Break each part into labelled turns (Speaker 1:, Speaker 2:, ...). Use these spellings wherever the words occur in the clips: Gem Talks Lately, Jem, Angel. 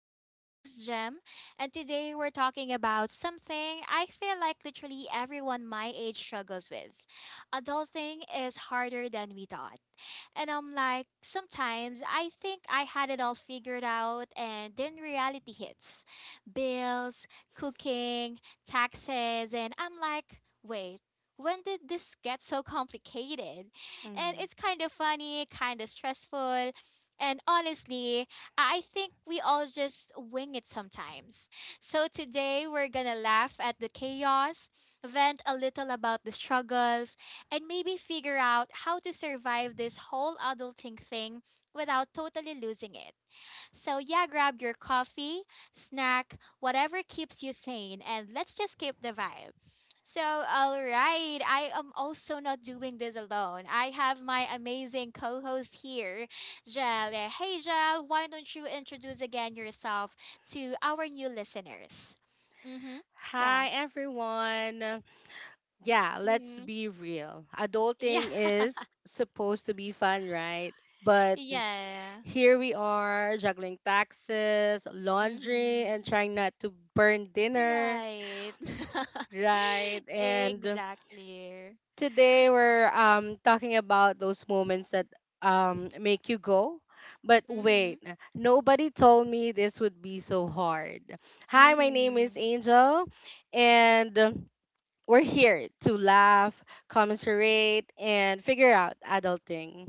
Speaker 1: I'm your host, Gem, and today we're talking about something I feel like literally everyone my age struggles with. Adulting is harder than we thought. And I'm like, sometimes I think I had it all figured out, and then reality hits bills, cooking, taxes, and I'm like, wait, when did this get so complicated? And
Speaker 2: Mhm.
Speaker 1: it's kind of funny, kind of stressful. And honestly, I think we all just wing it sometimes. So today we're gonna laugh at the chaos, vent a little about the struggles, and maybe figure out how to survive this whole adulting thing without totally losing it. So, yeah, grab your coffee, snack, whatever keeps you sane, and let's just keep the vibe. So, all right, I am also not doing this alone. I have my amazing co host here, Jel. Hey, Jel, why don't you introduce again yourself to our new listeners? Mm hmm. Yeah.
Speaker 2: Hi, everyone. Yeah, let's
Speaker 1: Mm-hmm.
Speaker 2: be real.
Speaker 1: Yeah.
Speaker 2: Adulting is supposed to be fun, right? But
Speaker 1: Yeah.
Speaker 2: here we are juggling taxes, laundry, and
Speaker 1: Mm-hmm.
Speaker 2: trying not to burn dinner,
Speaker 1: Right.
Speaker 2: right? And
Speaker 1: Exactly.
Speaker 2: today we're talking about those moments that make you go. But
Speaker 1: Mm-hmm.
Speaker 2: wait, nobody told me this would be so hard. Hi, my name is
Speaker 1: Mm-hmm.
Speaker 2: Angel, and we're here to laugh, commiserate, and figure out adulting.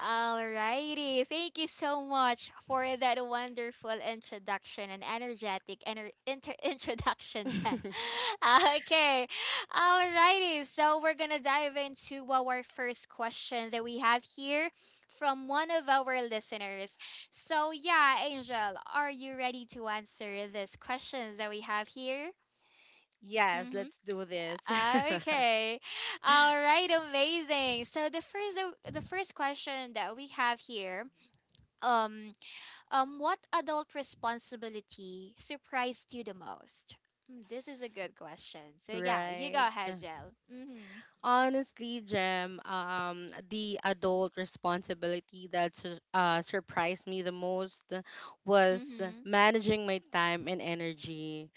Speaker 1: Alrighty. Thank you so much for that wonderful introduction and energetic introduction, Jen. Okay. Alrighty. So we're gonna dive into our first question that we have here from one of our listeners. So yeah, Angel, are you ready to answer this question that we have here?
Speaker 2: Yes, let's do this.
Speaker 1: Mm-hmm. Okay. All right, amazing. So the first question that we have here, um what adult responsibility surprised you the most? Hmm, this is a good question. So yeah, you
Speaker 2: Right.
Speaker 1: go ahead, Jill. Mhm.
Speaker 2: Honestly, Jem, the adult responsibility that surprised me the most was
Speaker 1: Mhm.
Speaker 2: managing my time and energy.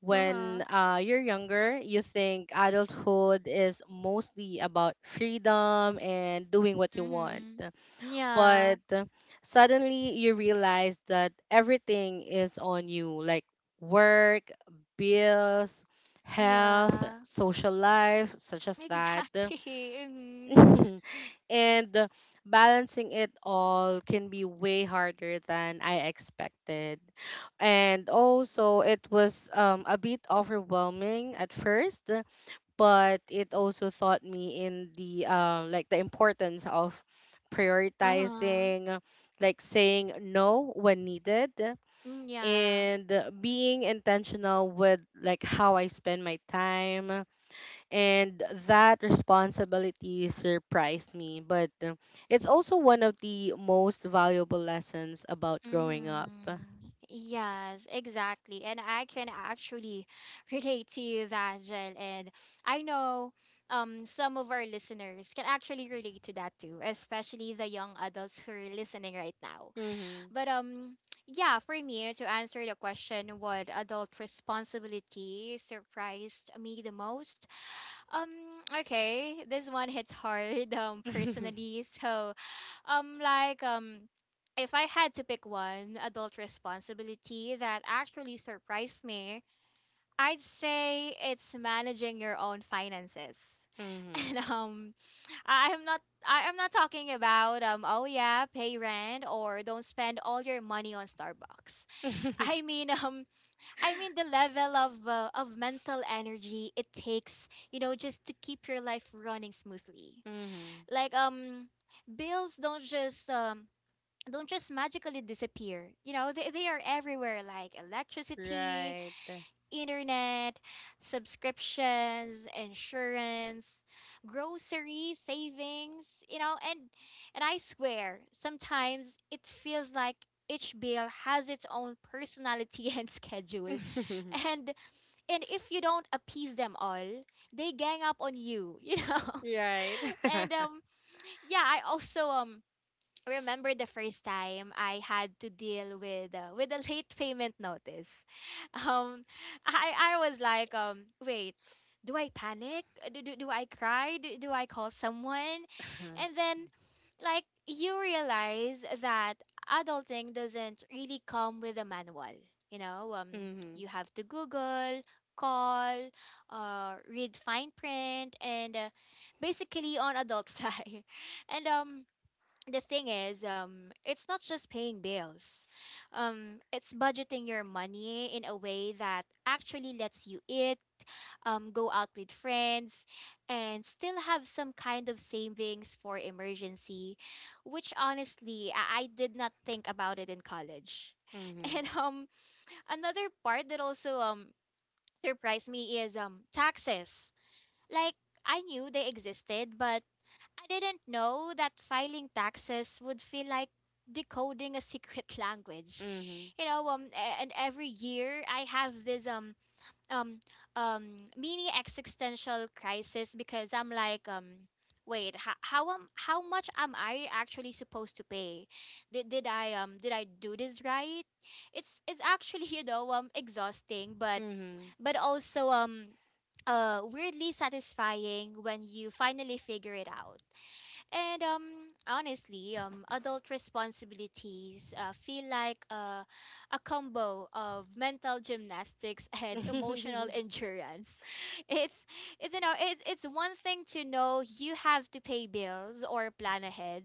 Speaker 2: When
Speaker 1: Uh-huh.
Speaker 2: you're younger, you think adulthood is mostly about freedom and doing what you want.
Speaker 1: Mhm. Yeah.
Speaker 2: But suddenly you realize that everything is on you, like work, bills, health,
Speaker 1: Yeah.
Speaker 2: social life, such as that.
Speaker 1: Exactly. Mhm.
Speaker 2: And balancing it all can be way harder than I expected, and also it was a bit overwhelming at first, but it also taught me in the like the importance of
Speaker 1: Uh-huh.
Speaker 2: prioritizing, like saying no when needed,
Speaker 1: Mm, yeah.
Speaker 2: and being intentional with like how I spend my time. And that responsibility surprised me, but it's also one of the most valuable lessons about growing up.
Speaker 1: Mm-hmm. Yes, exactly. And I can actually relate to you that, Jen. And I know, some of our listeners can actually relate to that too, especially the young adults who are listening right now.
Speaker 2: Mhm.
Speaker 1: But, yeah, for me to answer the question, what adult responsibility surprised me the most. Um okay, this one hits hard
Speaker 2: Mhm.
Speaker 1: personally. So, like, if I had to pick one adult responsibility that actually surprised me, I'd say it's managing your own finances. And, I am not I am not talking about oh yeah, pay rent or don't spend all your money on Starbucks.
Speaker 2: Mhm.
Speaker 1: I mean the level of mental energy it takes, you know, just to keep your life running smoothly.
Speaker 2: Mhm.
Speaker 1: Like, bills don't just magically disappear. You know, they are everywhere, like electricity,
Speaker 2: Right.
Speaker 1: internet, subscriptions, insurance, grocery savings, you know, and I swear, sometimes it feels like each bill has its own personality and schedule. And, if you don't appease them all, they gang up on you, you know.
Speaker 2: Right.
Speaker 1: And, yeah, I also, remember the first time I had to deal with a late payment notice. Um, I I was like, wait, do I panic? Do I cry? Do I call someone? And then, like, you realize that adulting doesn't really come with a manual. You know,
Speaker 2: Mm-hmm.
Speaker 1: you have to Google, call, read fine print, and basically on adult side. And, the thing is, it's not just paying bills, it's budgeting your money in a way that actually lets you eat, go out with friends, and still have some kind of savings for emergency, which honestly I did not think about it in college.
Speaker 2: Mm-hmm.
Speaker 1: And, another part that also, surprised me is taxes. Like, I knew they existed, but I didn't know that filing taxes would feel like decoding a secret language.
Speaker 2: Mm-hmm.
Speaker 1: You know, and every year I have this um mini existential crisis because I'm like, wait, how much am I actually supposed to pay? Did I do this right? It's actually exhausting, but,
Speaker 2: Mm-hmm.
Speaker 1: also, weirdly satisfying when you finally figure it out. And, honestly, adult responsibilities feel like a combo of mental gymnastics and emotional endurance. It's, it's one thing to know you have to pay bills or plan ahead,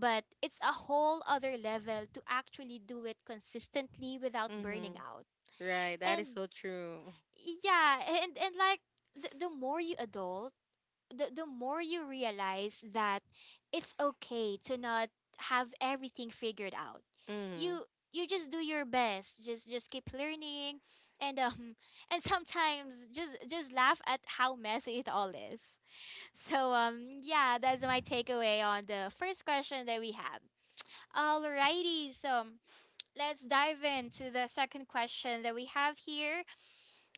Speaker 1: but it's a whole other level to actually do it consistently without
Speaker 2: Mm-hmm.
Speaker 1: burning out.
Speaker 2: Right. That is
Speaker 1: And
Speaker 2: so true.
Speaker 1: yeah, and like, the more you adult, the more you realize that it's okay to not have everything figured out.
Speaker 2: Mm-hmm.
Speaker 1: You you just do your best. Just keep learning, and and sometimes just laugh at how messy it all is. So, yeah, that's my takeaway on the first question that we have. Alrighty, so let's dive into the second question that we have here,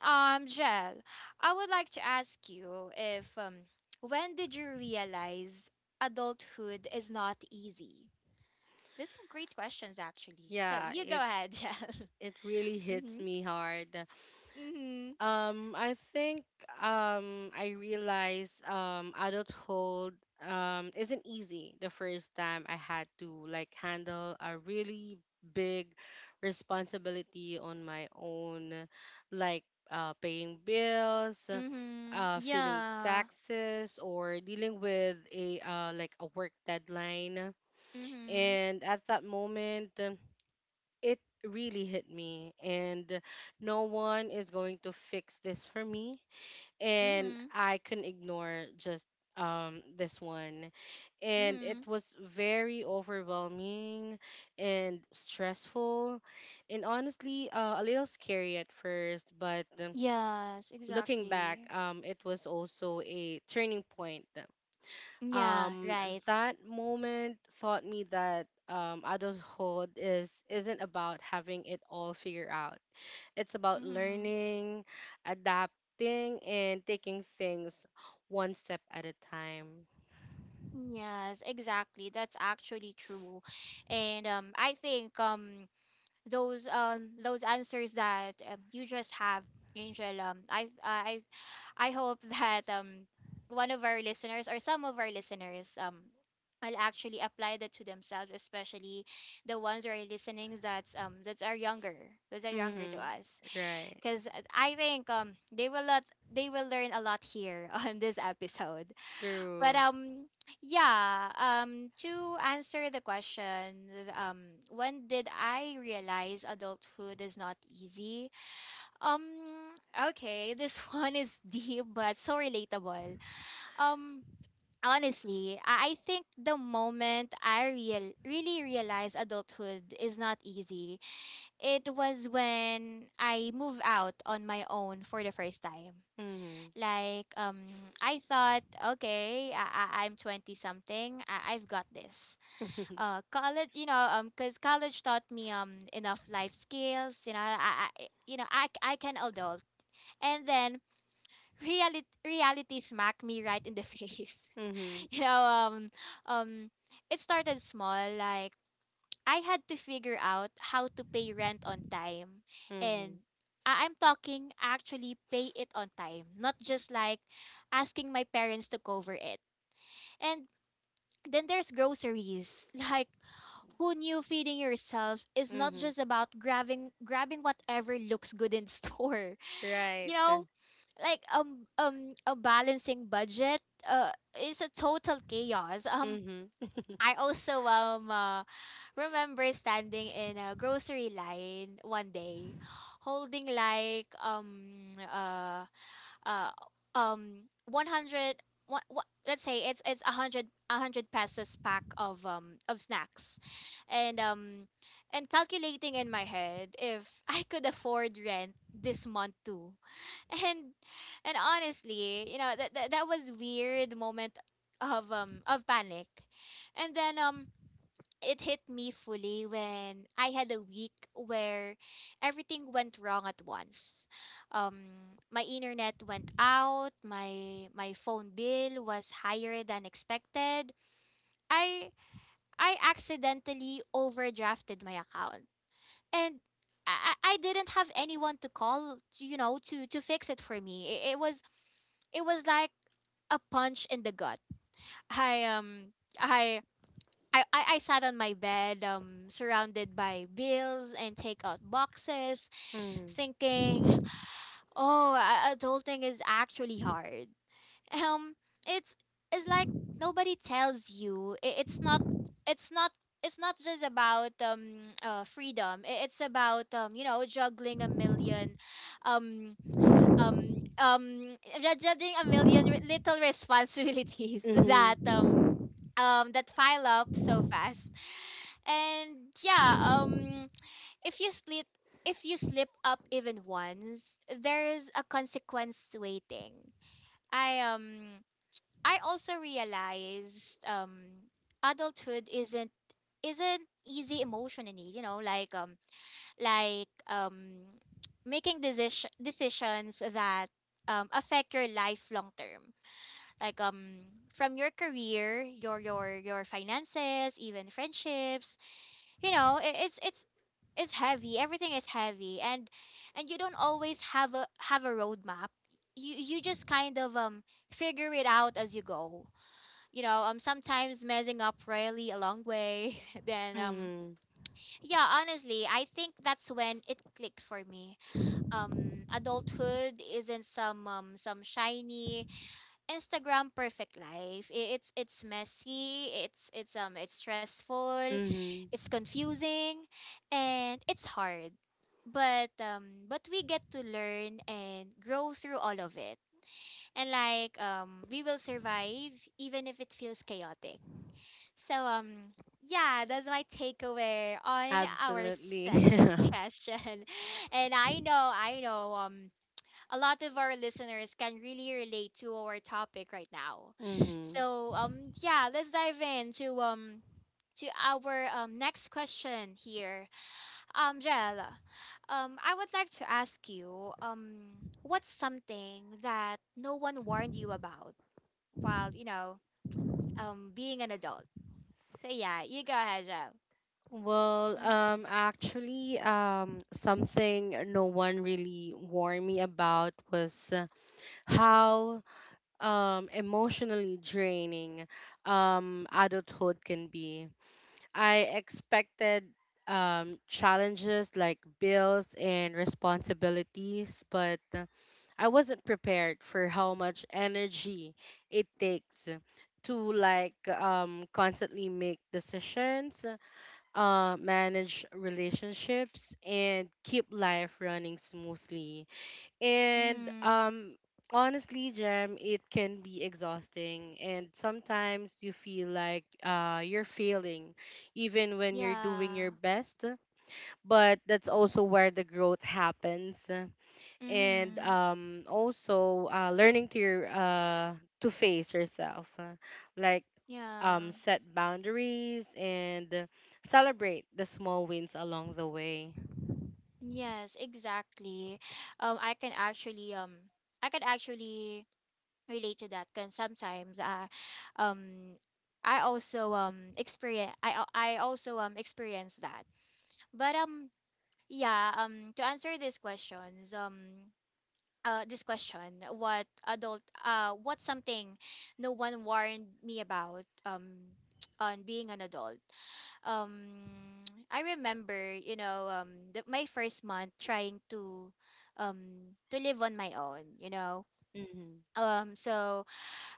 Speaker 1: Jel. I would like to ask you, if, when did you realize adulthood is not easy? These are great questions, actually. So
Speaker 2: Yeah,
Speaker 1: you
Speaker 2: it
Speaker 1: go ahead, Jel.
Speaker 2: really hits
Speaker 1: Mhm.
Speaker 2: me hard.
Speaker 1: Mhm.
Speaker 2: I think I realized adulthood isn't easy the first time I had to like handle a really big responsibility on my own, like paying bills,
Speaker 1: Mhm.
Speaker 2: feeling
Speaker 1: Yeah.
Speaker 2: taxes, or dealing with a like a work deadline.
Speaker 1: Mhm.
Speaker 2: And at that moment it really hit me, and no one is going to fix this for me, and
Speaker 1: Mhm.
Speaker 2: I couldn't ignore just this one, and it
Speaker 1: Mhm.
Speaker 2: was very overwhelming and stressful, and honestly a little scary at first. But
Speaker 1: Yes,
Speaker 2: looking back,
Speaker 1: exactly.
Speaker 2: it was also a turning point.
Speaker 1: Yeah.
Speaker 2: um,
Speaker 1: Right.
Speaker 2: that moment taught me that adulthood is isn't about having it all figured out. It's about
Speaker 1: Mhm.
Speaker 2: learning, adapting, and taking things one step at a time.
Speaker 1: Yes, exactly. That's actually true, and, I think, those answers that, you just have, Angel. I hope that, one of our listeners, or some of our listeners, will actually apply that to themselves, especially the ones who are listening, that are younger
Speaker 2: Mm-hmm.
Speaker 1: to us,
Speaker 2: Right.
Speaker 1: because I think, they will learn a lot here on this episode. But,
Speaker 2: True.
Speaker 1: yeah, to answer the question, when did I realize adulthood is not easy? Um okay, this one is deep but so relatable. Um Honestly, I think the moment I really realized adulthood is not easy, it was when I moved out on my own for the first time.
Speaker 2: Mm-hmm.
Speaker 1: Like, I thought, okay, I'm 20 something. I've got this. College, you know, cause college taught me enough life skills. You know, I can adult. And then, reality smacked me right in the face.
Speaker 2: Mm-hmm.
Speaker 1: You know, um, it started small, like I had to figure out how to pay rent on time.
Speaker 2: Mm-hmm.
Speaker 1: And, I'm talking actually pay it on time, not just like asking my parents to cover it. And then there's groceries. Like, who knew feeding yourself is not
Speaker 2: Mm-hmm.
Speaker 1: just about grabbing whatever looks good in store.
Speaker 2: Right.
Speaker 1: You know, like, a balancing budget is a total chaos.
Speaker 2: Mm-hmm.
Speaker 1: I also, remember standing in a grocery line one day, holding like, uh 101, let's say it's a hundred pesos pack of snacks, and, calculating in my head if I could afford rent this month too, and, honestly, you know, that was weird moment of panic. And then, it hit me fully when I had a week where everything went wrong at once. Um, my internet went out. My phone bill was higher than expected. I I accidentally overdrafted my account, and I didn't have anyone to call. You know, to fix it for me. It was like a punch in the gut. I um I I sat on my bed, surrounded by bills and takeout boxes,
Speaker 2: Mm-hmm.
Speaker 1: thinking, "Oh, adulting is actually hard." Um, it's it's like nobody tells you. I it's not it's not it's not just about freedom. It's about, you know, juggling a million, um um um judging a million, little responsibilities that
Speaker 2: Mm-hmm.
Speaker 1: um um that pile up so fast. And yeah, if you split if you slip up even once, there's a consequence waiting. i um I also realized, adulthood isn't easy emotionally, you know, like, like um making decisions that, affect your life long term. Like, from your career, your finances, even friendships. You know, it, it's heavy, everything is heavy, and, you don't always have a roadmap. You just kind of, figure it out as you go. You know, sometimes messing up really a long way then,
Speaker 2: Mm-hmm.
Speaker 1: yeah, honestly, I think that's when it clicked for me. Adulthood isn't some shiny, Instagram perfect life. It's messy, it's stressful,
Speaker 2: Mm-hmm.
Speaker 1: it's confusing, and it's hard. But, we get to learn and grow through all of it. And like, we will survive even if it feels chaotic. So, yeah, that's my takeaway on our
Speaker 2: Absolutely.
Speaker 1: second question. And I know, a lot of our listeners can really relate to our topic right now.
Speaker 2: Mm-hmm.
Speaker 1: So, yeah, let's dive into to our next question here. Jel, I would like to ask you, what's something that no one warned you about while being an adult? So yeah, you go ahead, Jel.
Speaker 2: Well, actually, something no one really warned me about was how emotionally draining adulthood can be. I expected challenges like bills and responsibilities, but I wasn't prepared for how much energy it takes to like constantly make decisions, manage relationships, and keep life running smoothly. And
Speaker 1: Mm-hmm.
Speaker 2: um, honestly, Jem, it can be exhausting, and sometimes you feel like you're failing, even when you're doing your
Speaker 1: Yeah.
Speaker 2: best. But that's also where the growth happens, and
Speaker 1: Mm-hmm.
Speaker 2: um, also learning to your to face yourself, like
Speaker 1: Yeah.
Speaker 2: set boundaries, and celebrate the small wins along the way.
Speaker 1: Yes, exactly. I can actually I can actually relate to that. Cause sometimes um, I also experience that. But yeah. To answer these questions, this question, what's something no one warned me about on being an adult? um I remember, my first month trying to live on my own, you know.
Speaker 2: Mhm.
Speaker 1: So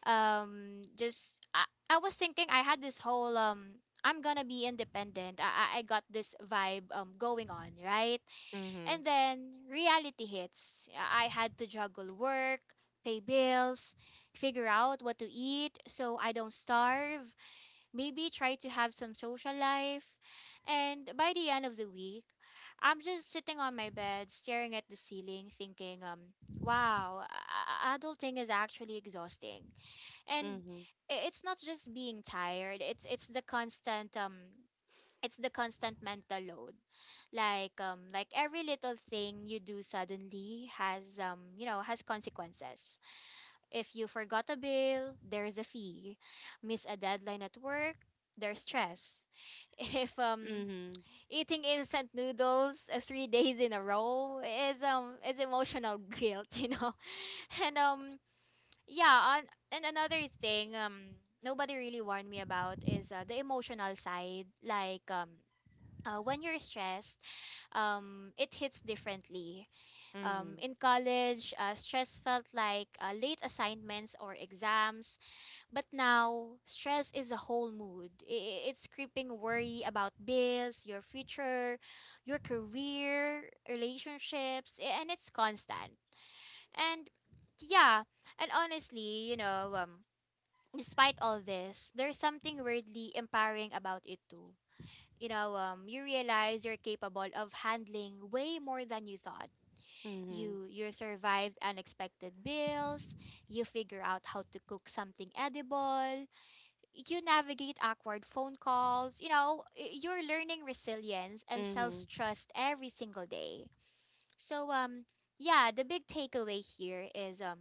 Speaker 1: just I was thinking I had this whole I'm gonna be independent. I got this vibe going on, right?
Speaker 2: Mhm.
Speaker 1: And then reality hits. I had to juggle work, pay bills, figure out what to eat so I don't starve, maybe try to have some social life. And by the end of the week, I'm just sitting on my bed, staring at the ceiling, thinking, wow, adulting is actually exhausting. And
Speaker 2: Mhm.
Speaker 1: it's not just being tired, it's the constant mental load. Like every little thing you do suddenly has has consequences. If you forgot a bill, there's a fee. Miss a deadline at work, there's stress. If
Speaker 2: Mhm.
Speaker 1: eating instant noodles 3 days in a row is emotional guilt, you know. And Yeah, and another thing nobody really warned me about is the emotional side like when you're stressed, it hits differently.
Speaker 2: Mhm.
Speaker 1: In college, stress felt like late assignments or exams, but now stress is a whole mood. It's creeping worry about bills, your future, your career, relationships, and it's constant. And yeah, and honestly, despite all this, there's something weirdly empowering about it too. You know, you realize you're capable of handling way more than you thought.
Speaker 2: Mhm.
Speaker 1: You survive unexpected bills, you figure out how to cook something edible, you navigate awkward phone calls, you know, you're learning resilience and
Speaker 2: Mhm.
Speaker 1: self-trust every single day. So um yeah, the big takeaway here is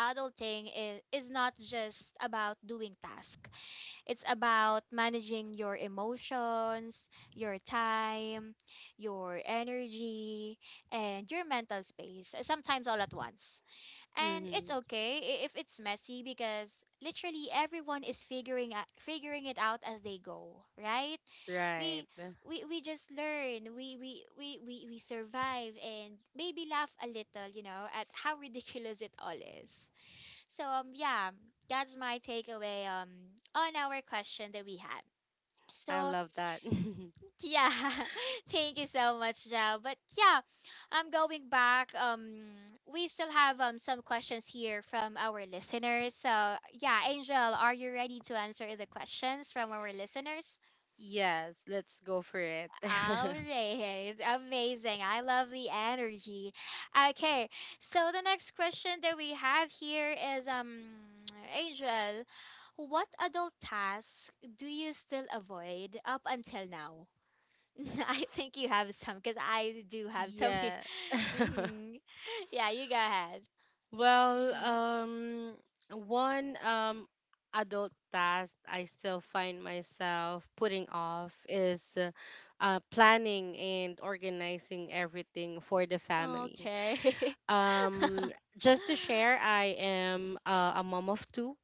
Speaker 1: adulting is not just about doing tasks. It's about managing your emotions, your time, your energy, and your mental space, sometimes all at once. And it's
Speaker 2: Mhm.
Speaker 1: okay if it's messy because literally everyone is figuring it out as they go, right?
Speaker 2: Right.
Speaker 1: We we just learn, we survive and maybe laugh a little, you know, at how ridiculous it all is. Yeah, that's my takeaway on our question that we had.
Speaker 2: I
Speaker 1: So
Speaker 2: love that.
Speaker 1: yeah, thank you so much, Joe. But yeah, I'm going back. We still have some questions here from our listeners. So yeah, Angel, are you ready to answer the questions from our listeners?
Speaker 2: Yes, let's go for it.
Speaker 1: All right, amazing. I love the energy. Okay, so the next question that we have here is Angel, what adult tasks do you still avoid up until now? I think you have some because I do have some.
Speaker 2: Yeah.
Speaker 1: hmm Yeah, you go ahead.
Speaker 2: Well,
Speaker 1: Hmm
Speaker 2: one adult task I still find myself putting off is planning and organizing everything for the family.
Speaker 1: Okay.
Speaker 2: Um, just to share, I am a mom of two.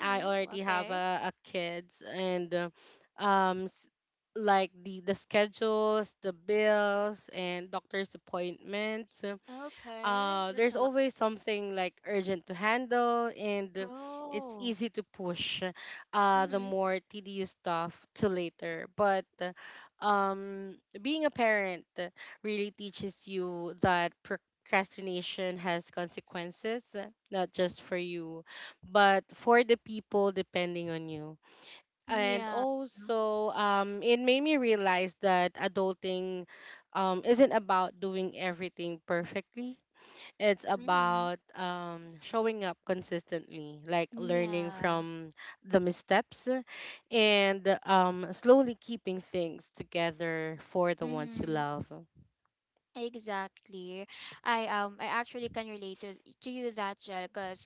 Speaker 2: I already have
Speaker 1: Okay.
Speaker 2: a kids, and um, s- like the schedules, the bills, and doctor's appointments.
Speaker 1: Okay. That's
Speaker 2: There's
Speaker 1: a lot.
Speaker 2: always something like urgent to handle, and it's
Speaker 1: Oh.
Speaker 2: easy to push the
Speaker 1: Mm-hmm.
Speaker 2: more tedious stuff to later. But um, being a parent really teaches you that procrastination has consequences, not just for you, but for the people depending on you. And
Speaker 1: Yeah.
Speaker 2: also, it made me realize that adulting isn't about doing everything perfectly. It's
Speaker 1: Mm-hmm.
Speaker 2: about showing up consistently, like learning
Speaker 1: Yeah.
Speaker 2: from the missteps, and slowly keeping things together for the ones you
Speaker 1: Mm-hmm.
Speaker 2: love.
Speaker 1: Exactly. I actually can relate to you, that Jel, because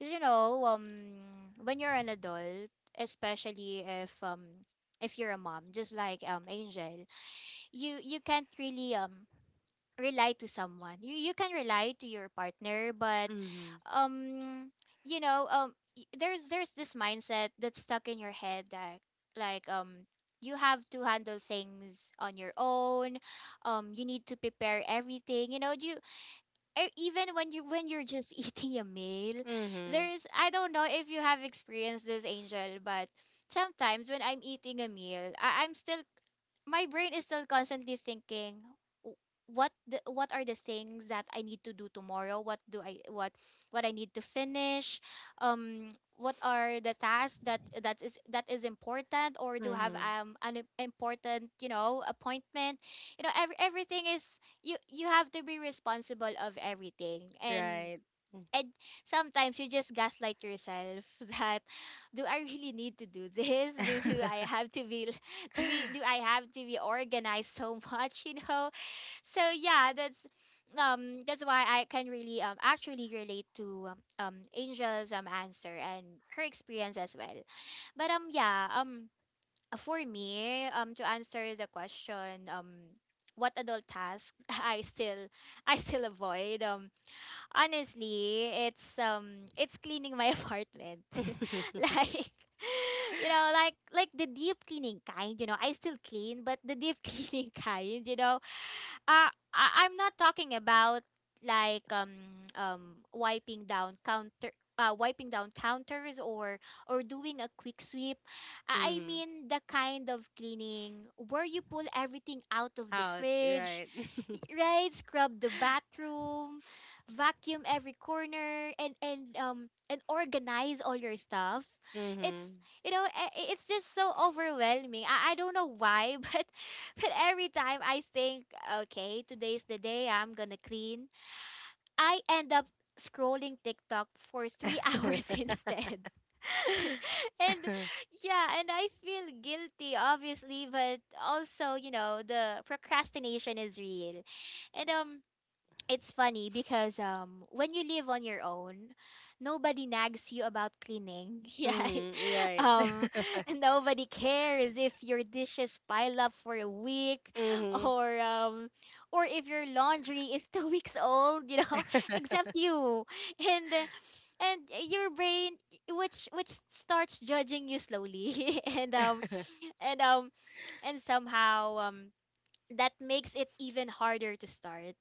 Speaker 1: you know when you're an adult, especially if you're a mom, just like Angel, you can't really rely to someone. You can rely to your partner, but
Speaker 2: Mm-hmm.
Speaker 1: um you know, there's this mindset that's stuck in your head that like um you have to handle things on your own. Um, you need to prepare everything. You know, you even when you're just eating a meal,
Speaker 2: Mm-hmm.
Speaker 1: there's, I don't know if you have experienced this, Angel, but sometimes when I'm eating a meal, I'm still, my brain is still constantly thinking, "W- what are the things that I need to do tomorrow? What do I, what I need to finish? What are the tasks that that is important, or do have
Speaker 2: Mm-hmm.
Speaker 1: important, you know, appointment?" You know, everything is, you have to be responsible of everything,
Speaker 2: Right.
Speaker 1: and sometimes you just gaslight yourself that, do I really need to do this? Do do I have to be to be, do I have to be organized so much, you know? So yeah, that's why I can really actually relate to Angel's answer and her experience as well. But yeah, for me, to answer the question, what adult task I still avoid. Honestly, it's cleaning my apartment. like you know, like the deep cleaning kind, you know, I still clean, but the deep cleaning kind, you know, I'm not talking about like wiping down counter wiping down counters or doing a quick sweep. I
Speaker 2: Mm-hmm.
Speaker 1: mean the kind of cleaning where you pull everything out of the
Speaker 2: Out.
Speaker 1: fridge,
Speaker 2: Right.
Speaker 1: right? Scrub the bathroom, vacuum every corner, and and organize all your stuff. It's,
Speaker 2: Mm-hmm.
Speaker 1: you know, it's just so overwhelming. I don't know why but every time I think, okay, today's the day I'm gonna clean, I end up scrolling TikTok for three hours instead. And yeah, and I feel guilty, obviously, but also, you know, the procrastination is real. And It's funny because when you live on your own, nobody nags you about cleaning. Yeah.
Speaker 2: Mm-hmm. Right.
Speaker 1: Um, nobody cares if your dishes pile up for a week,
Speaker 2: Mm-hmm.
Speaker 1: or um or if your laundry is 2 weeks old, you know, except you. And uh, and your brain, which starts judging you slowly. And um and somehow that makes it even harder to start.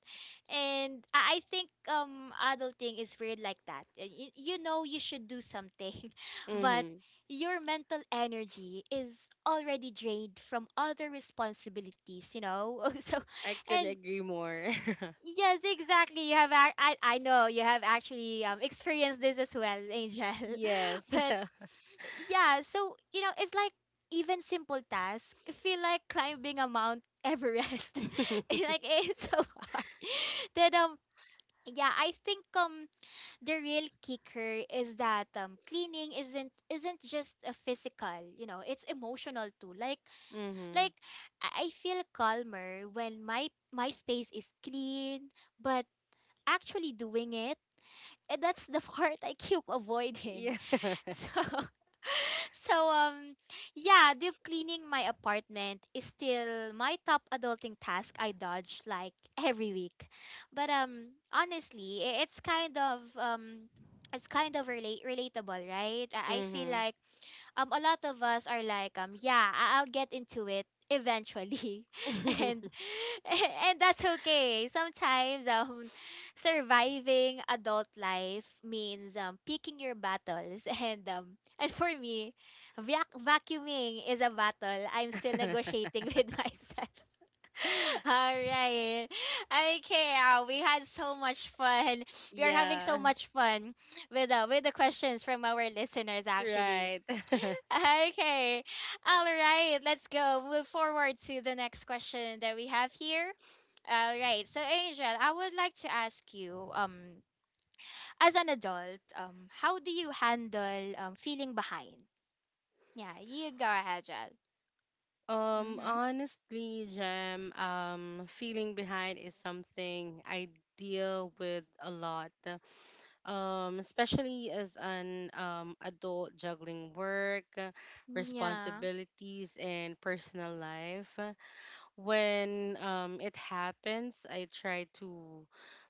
Speaker 1: And I think adulting is weird like that. You know you should do something, but
Speaker 2: Mm-hmm.
Speaker 1: your mental energy is already drained from other responsibilities, you know? So
Speaker 2: I couldn't
Speaker 1: and
Speaker 2: agree more.
Speaker 1: yes, exactly. You have I know you have actually experienced this as well, Angel.
Speaker 2: Yes.
Speaker 1: But yeah, so you know, it's like even simple tasks feel like climbing a Mount Everest. It's like it's so hard. Then yeah, I think the real kicker is that cleaning isn't just a physical, you know, it's emotional too. Like
Speaker 2: Mm-hmm.
Speaker 1: like I feel calmer when my space is clean, but actually doing it, eh, that's the part I keep avoiding.
Speaker 2: Yeah.
Speaker 1: So, so yeah, deep cleaning my apartment is still my top adulting task I dodge like every week. But honestly, it's kind of relate relatable, right? I feel
Speaker 2: Mhm.
Speaker 1: like a lot of us are like, yeah, I'll get into it eventually. and and that's okay. Sometimes surviving adult life means picking your battles, and for me, vacuuming is a battle I'm still negotiating with myself. All right. Okay, we had so much fun. We are having so
Speaker 2: Yeah.
Speaker 1: much fun with the questions from our listeners, actually.
Speaker 2: Right.
Speaker 1: Okay. All right, let's go. Move forward to the next question that we have here. All right. So Angel, I would like to ask you, as an adult, how do you handle feeling behind? Yeah, you go ahead, Jel. Mhm.
Speaker 2: Honestly, Jam, feeling behind is something I deal with a lot. Especially as an adult juggling work,
Speaker 1: Yeah.
Speaker 2: responsibilities, and personal life. When it happens, I try to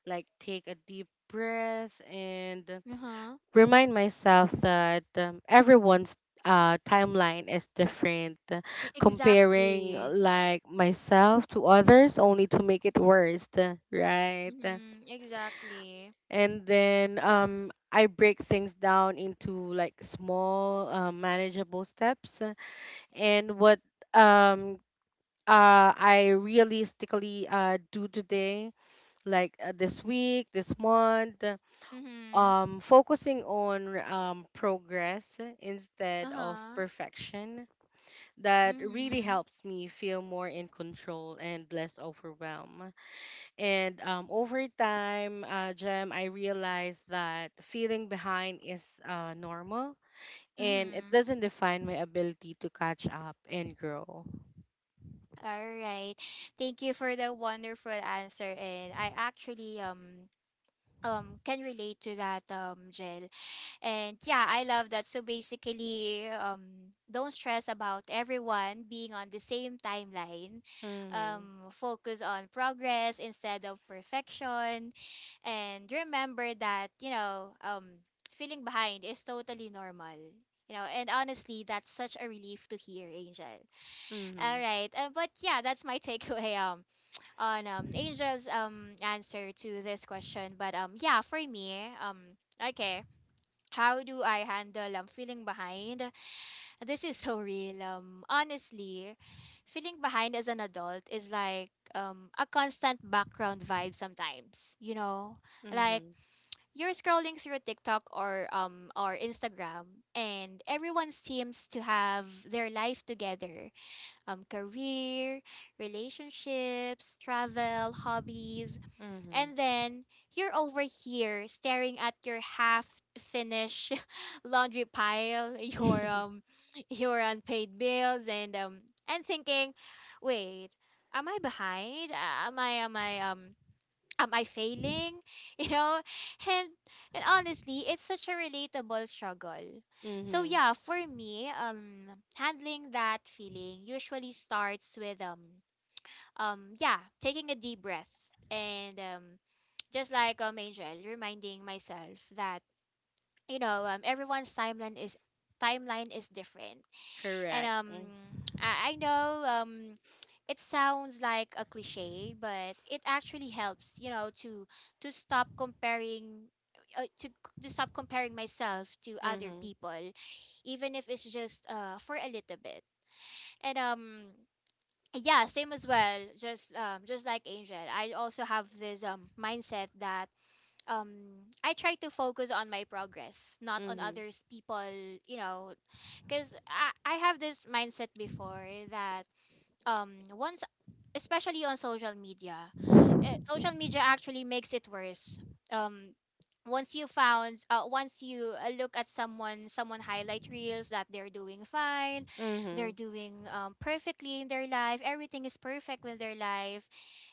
Speaker 2: like take a deep breath and
Speaker 1: Uh-huh.
Speaker 2: remind myself that everyone's timeline is different.
Speaker 1: Y-
Speaker 2: Comparing
Speaker 1: Exactly.
Speaker 2: like myself to others only to make it worse, right?
Speaker 1: Mhm, exactly.
Speaker 2: And then I break things down into like small, manageable steps. And what um, I realistically do today, like this week, this month.
Speaker 1: Mhm.
Speaker 2: Focusing on progress instead of
Speaker 1: Uh-huh.
Speaker 2: perfection, that really
Speaker 1: Mhm.
Speaker 2: helps me feel more in control and less overwhelmed. And over time, Jem, I realized that feeling behind is normal and it
Speaker 1: Mhm.
Speaker 2: doesn't define my ability to catch up and grow.
Speaker 1: All right. Thank you for the wonderful answer, and I actually can relate to that, Jill. And yeah, I love that. So basically, don't stress about everyone being on the same timeline.
Speaker 2: Mm-hmm.
Speaker 1: Focus on progress instead of perfection. And remember that, you know, feeling behind is totally normal. You know, and honestly, that's such a relief to hear, Angel.
Speaker 2: Mm-hmm.
Speaker 1: All right, but yeah, that's my takeaway on Angel's answer to this question. But yeah, for me okay, how do I handle, feeling behind? This is so real. Honestly, feeling behind as an adult is like, a constant background vibe sometimes. You know, like
Speaker 2: Mm-hmm.
Speaker 1: you're scrolling through TikTok or Instagram, and everyone seems to have their life together, career, relationships, travel, hobbies.
Speaker 2: Mm-hmm.
Speaker 1: And then you're over here staring at your half finished laundry pile, your um your unpaid bills and thinking, wait, am I behind? Am I failing? You know, and and honestly, it's such a relatable struggle. So
Speaker 2: Mm-hmm.
Speaker 1: yeah, for me, handling that feeling usually starts with yeah, taking a deep breath and just like Angel, reminding myself that everyone's timeline is different and
Speaker 2: Correct.
Speaker 1: I know, it sounds like a cliche, but it actually helps, to stop comparing, myself to other
Speaker 2: Mm-hmm.
Speaker 1: people, even if it's just for a little bit. And yeah, same as well. Just like Angel, I also have this mindset that I try to focus on my progress, not on
Speaker 2: Mm-hmm.
Speaker 1: others people, you know, cuz I have this mindset before that once, especially on social media, actually makes it worse. um Once you look at someone highlight reels that they're doing fine,
Speaker 2: Mm-hmm.
Speaker 1: they're doing perfectly in their life, everything is perfect with their life.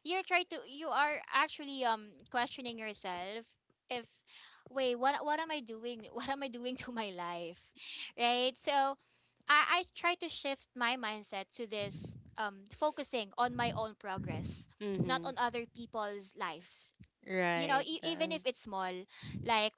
Speaker 1: You're trying to You are actually questioning yourself if, wait, what am I doing? What am I doing to my life, right? So I try to shift my mindset to this, focusing on my own progress, not
Speaker 2: Mm-hmm.
Speaker 1: on other people's lives. You know,
Speaker 2: Right.
Speaker 1: even if it's small, like,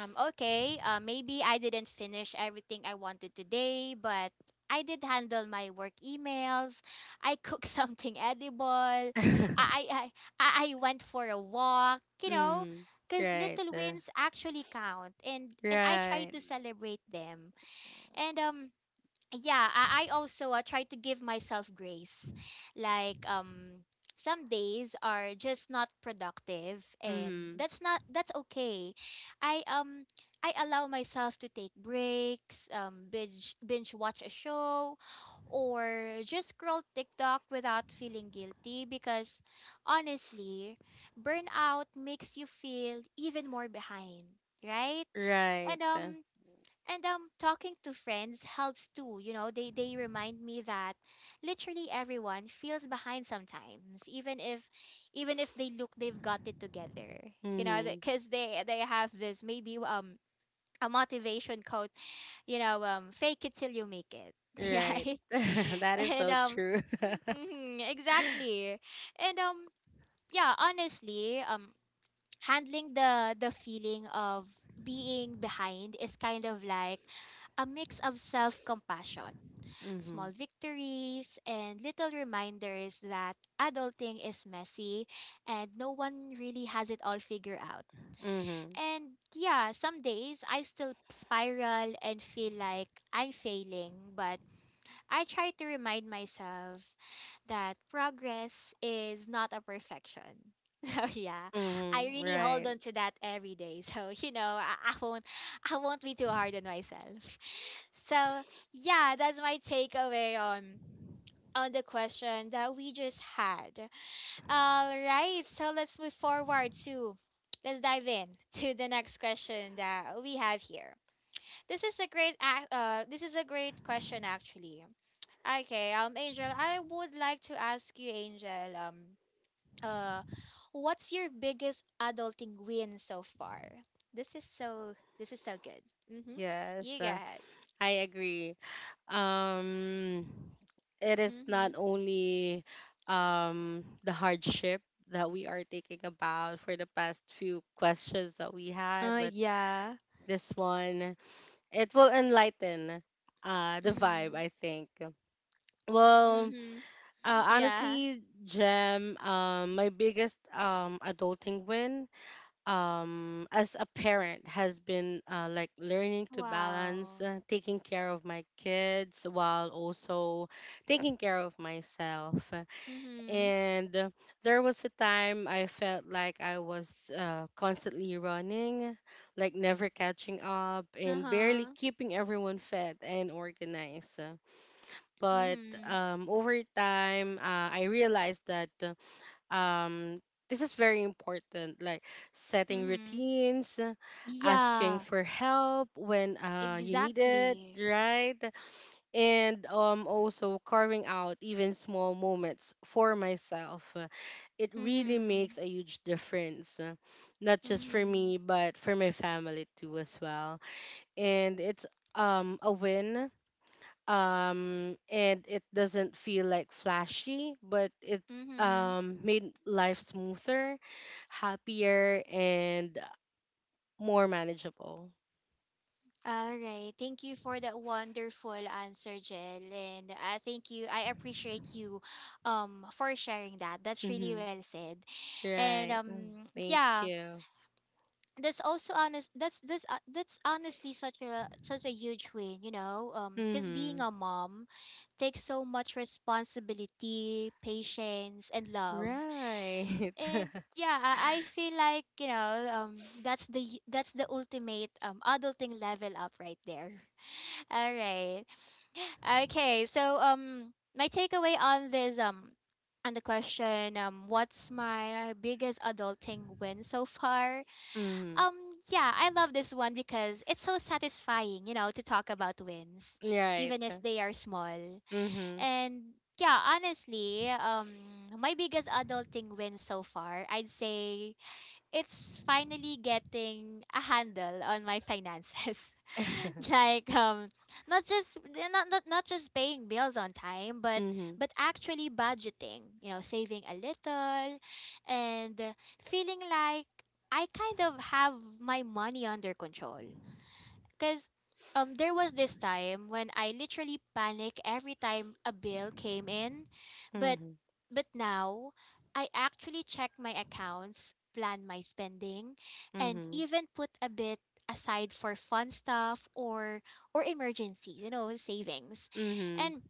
Speaker 1: okay, maybe I didn't finish everything I wanted today, but I did handle my work emails. I cooked something edible. I I I, I went for a walk, you know,
Speaker 2: Mm.
Speaker 1: cuz
Speaker 2: Right.
Speaker 1: little wins actually count and I try
Speaker 2: Right.
Speaker 1: to celebrate them. And yeah, I also try to give myself grace. Like, some days are just not productive and
Speaker 2: Mm-hmm.
Speaker 1: that's not that's okay. I um I allow myself to take breaks, binge watch a show or just scroll TikTok without feeling guilty because, honestly, burnout makes you feel even more behind, right?
Speaker 2: Right.
Speaker 1: And um and talking to friends helps too, you know, they remind me that literally everyone feels behind sometimes, even if they've got it together. You know,
Speaker 2: Mm-hmm.
Speaker 1: because they have this, maybe, a motivation quote, fake it till you make it,
Speaker 2: Right.
Speaker 1: right?
Speaker 2: That is
Speaker 1: And
Speaker 2: so true.
Speaker 1: mhm, exactly. And yeah, honestly, handling the feeling of being behind is kind of like a mix of self-compassion,
Speaker 2: Mm-hmm.
Speaker 1: small victories, and little reminders that adulting is messy and no one really has it all figured out.
Speaker 2: Mm-hmm.
Speaker 1: And yeah, some days I still spiral and feel like I'm failing, but I try to remind myself that progress is not a perfection. So yeah, I
Speaker 2: Mm-hmm.
Speaker 1: really hold
Speaker 2: Right.
Speaker 1: on to that every day. So, you know, I won't be too hard on myself. So yeah, that's my takeaway on the question that we just had. All right, so let's dive in to the next question that we have here. This is a great question actually. Okay, Angel, I would like to ask you, Angel, uh what's your biggest adulting win so far? This is so this is so good. Mhm.
Speaker 2: Yes.
Speaker 1: You go ahead.
Speaker 2: I agree. Um, it is
Speaker 1: Mhm.
Speaker 2: not only the hardship that we are thinking about for the past few questions that we had, but
Speaker 1: Yeah.
Speaker 2: this one, it will enlighten the vibe,
Speaker 1: Mhm.
Speaker 2: I think. Well,
Speaker 1: Mhm. Yeah.
Speaker 2: honestly, Jem, my biggest adulting win as a parent has been like learning to balance
Speaker 1: Wow.
Speaker 2: taking care of my kids while also taking care of myself.
Speaker 1: Mhm.
Speaker 2: And there was a time I felt like I was constantly running, like never catching up, and barely
Speaker 1: Uh-huh.
Speaker 2: keeping everyone fed and organized. Uh, But
Speaker 1: Mhm.
Speaker 2: um, over time, I realized that this is very important, like setting
Speaker 1: Mhm.
Speaker 2: routines, asking
Speaker 1: Yeah,
Speaker 2: for help when you need it,
Speaker 1: exactly.
Speaker 2: right? And also carving out even small moments for myself. It really makes
Speaker 1: Mhm.
Speaker 2: a huge difference, not just for
Speaker 1: Mhm.
Speaker 2: me, but for my family too as well. And it's a win. And it doesn't feel like flashy, but it
Speaker 1: Mm-hmm.
Speaker 2: made life smoother, happier, and more manageable.
Speaker 1: All right. Thank you for that wonderful answer, Jill. And I thank you. I appreciate you for sharing that. That's really
Speaker 2: Mm-hmm.
Speaker 1: well said. And
Speaker 2: Right. Mm. Thank
Speaker 1: yeah,
Speaker 2: you.
Speaker 1: that's also honest that's this that's honestly such a huge win, you know. Cuz being
Speaker 2: Mm-hmm.
Speaker 1: a mom takes so much responsibility, patience, and love.
Speaker 2: Right.
Speaker 1: And yeah, I feel like, that's the ultimate adulting level up right there. All right. Okay, so my takeaway on this, on the question, what's my biggest adulting win so far?
Speaker 2: Mhm.
Speaker 1: Yeah, I love this one because it's so satisfying, you know, to talk about wins
Speaker 2: Right.
Speaker 1: even if they are small.
Speaker 2: Mhm.
Speaker 1: And yeah, honestly, my biggest adulting win so far, I'd say it's finally getting a handle on my finances. Like, not just eh, not, not not just paying bills on time, but
Speaker 2: Mhm.
Speaker 1: actually budgeting, you know, saving a little, and feeling like I kind of have my money under control. Because, there was this time when I literally panic every time a bill came in, but
Speaker 2: Mhm.
Speaker 1: now I actually check my accounts, plan my spending, and
Speaker 2: Mhm.
Speaker 1: even put a bit aside for fun stuff or emergencies, you know, savings.
Speaker 2: Mhm.
Speaker 1: And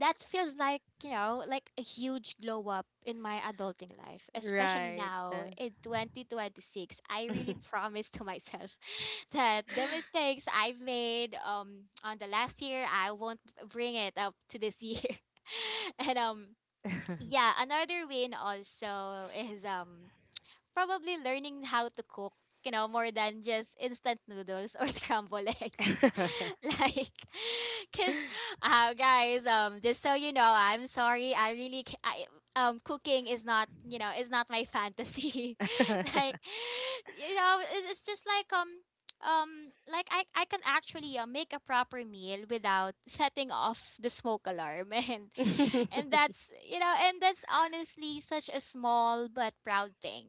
Speaker 1: that feels like, you know, like a huge glow up in my adulting life, especially
Speaker 2: Right.
Speaker 1: now in 2026. I really promised to myself that the mistakes I've made on the last year, I won't bring it up to this year. And yeah, another win also is probably learning how to cook, you know, more than just instant noodles or scrambled eggs. Like, cause, guys, just so you know, I'm sorry. I really, ca- I, Cooking is not my fantasy. Like, you know, it's just like I can actually make a proper meal without setting off the smoke alarm.
Speaker 2: Mhm.
Speaker 1: And that's and that's honestly such a small but proud thing.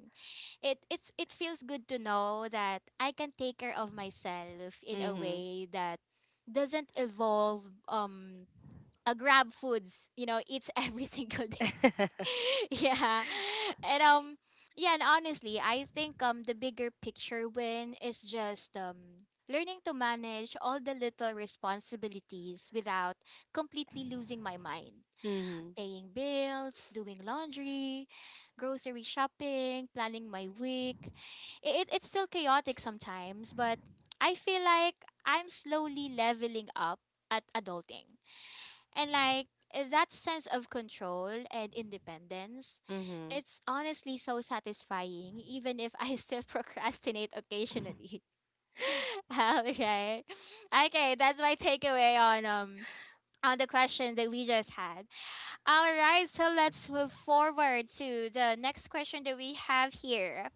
Speaker 1: It feels good to know that I can take care of myself in a way that doesn't involve um a grab foods, eats every single day. Yeah. And yeah, and honestly, I think the bigger picture win is just learning to manage all the little responsibilities without completely losing my mind:
Speaker 2: Mhm.
Speaker 1: paying bills, doing laundry, grocery shopping, planning my week. It's still chaotic sometimes, but I feel like I'm slowly leveling up at adulting. And like that sense of control and independence,
Speaker 2: Mhm.
Speaker 1: it's honestly so satisfying, even if I still procrastinate occasionally. Okay. Okay, that's my takeaway on, on the question that we just had. All right, so let's move forward to the next question that we have here.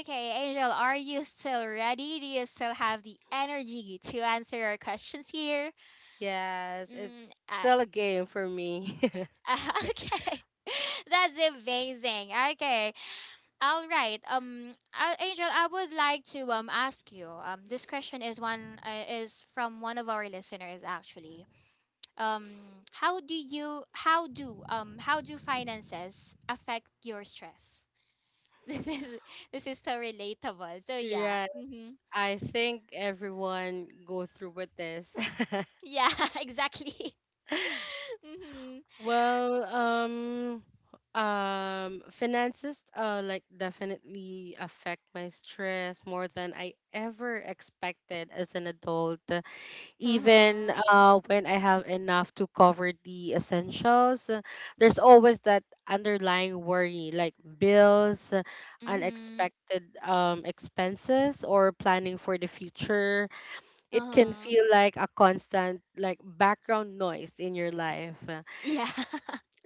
Speaker 1: Okay, Angel, are you still ready? Do you still have the energy to answer our questions here?
Speaker 2: Yes, it's
Speaker 1: Mm, uh,
Speaker 2: still a game for me.
Speaker 1: okay, that's amazing. Okay, all right. Angel, I would like to ask you. This question is one is from one of our listeners actually. um how do finances affect your stress? This is so relatable. So yeah,
Speaker 2: Right.
Speaker 1: mm-hmm.
Speaker 2: I think everyone go through with this.
Speaker 1: Yeah, exactly. Mm-hmm.
Speaker 2: Well, finances, like definitely affect my stress more than I ever expected as an adult. Even
Speaker 1: Uh-huh.
Speaker 2: when I have enough to cover the essentials, there's always that underlying worry, like bills,
Speaker 1: Mm-hmm.
Speaker 2: unexpected expenses, or planning for the future. It can
Speaker 1: Uh-huh.
Speaker 2: feel like a constant, like background noise in your life.
Speaker 1: Yeah.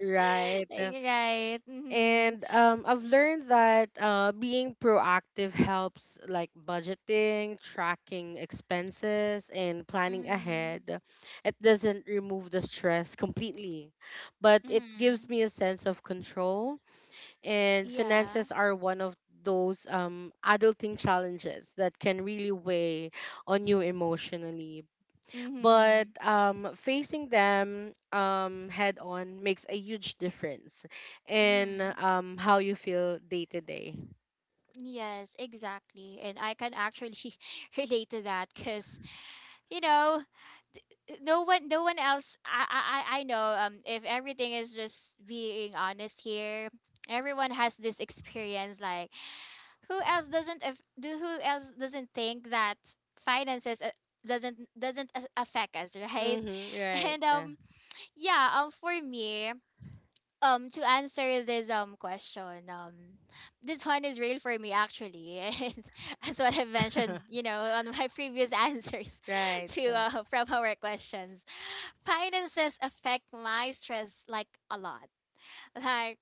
Speaker 2: Right.
Speaker 1: Right. Mm-hmm.
Speaker 2: And I've learned that being proactive helps, like budgeting, tracking expenses, and planning
Speaker 1: Mm-hmm.
Speaker 2: ahead. It doesn't remove the stress completely, but it gives
Speaker 1: Mm-hmm.
Speaker 2: me a sense of control. And
Speaker 1: Yeah.
Speaker 2: finances are one of those adulting challenges that can really weigh on you emotionally, but
Speaker 1: Mm-hmm.
Speaker 2: um, facing them head on makes a huge difference in
Speaker 1: Mm-hmm.
Speaker 2: how you feel day to day.
Speaker 1: Yes, exactly. And I can actually relate to that. Because, you know no one else, I know, if everything is just being honest here, everyone has this experience. Like, who else doesn't think that finances, doesn't affect us, right?
Speaker 2: Mm-hmm, right.
Speaker 1: And yeah, for me, to answer this question, this one is real for me actually. And as what I've mentioned, on my previous answers
Speaker 2: Right.
Speaker 1: to from our questions, finances affect my stress like a lot. Like,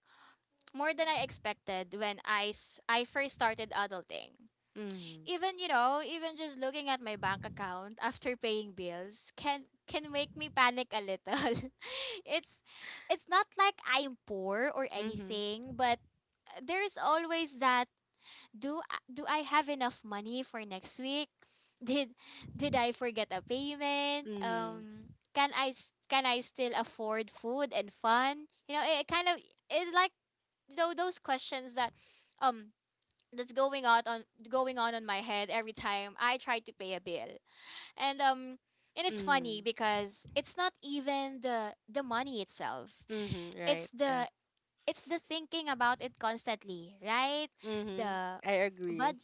Speaker 1: more than I expected when I first started adulting.
Speaker 2: Mm-hmm,
Speaker 1: Even, you know, even just looking at my bank account after paying bills can make me panic a little. It's, not like I'm poor or
Speaker 2: mm-hmm,
Speaker 1: anything, but there's always that: do I have enough money for next week? did did I forget a payment? Can I still afford food and fun? You know, it kind of it's like, though those questions that, um that's going on on my head every time I try to pay a bill. And um and it's
Speaker 2: mm-hmm,
Speaker 1: funny
Speaker 2: mm-hmm,
Speaker 1: because it's not even the money itself.
Speaker 2: mm-hmm, right.
Speaker 1: It's the it's the thinking about it constantly, right?
Speaker 2: Mm-hmm,
Speaker 1: The
Speaker 2: I agree.
Speaker 1: but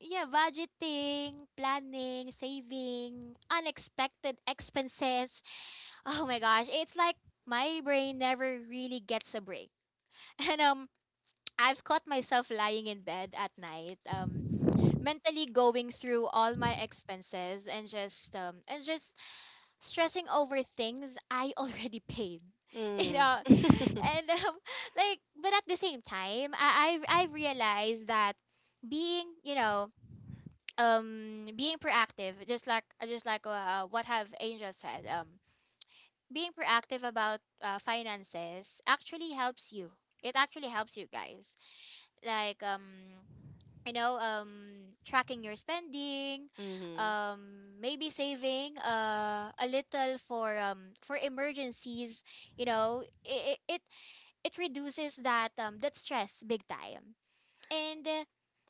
Speaker 1: yeah, budgeting, planning, saving, unexpected expenses. Oh my gosh, it's like my brain never really gets a break. And I've caught myself lying in bed at night, mentally going through all my expenses and just, stressing over things I already paid. You
Speaker 2: Mm.
Speaker 1: know,
Speaker 2: Mm-hmm,
Speaker 1: and like, but at the same time, I've realized that being you know being proactive, just like what have Angel said, being proactive about finances actually helps you. It actually helps you guys. Like, tracking your spending, maybe saving a little for for emergencies. you know it it it it reduces that stress big time. And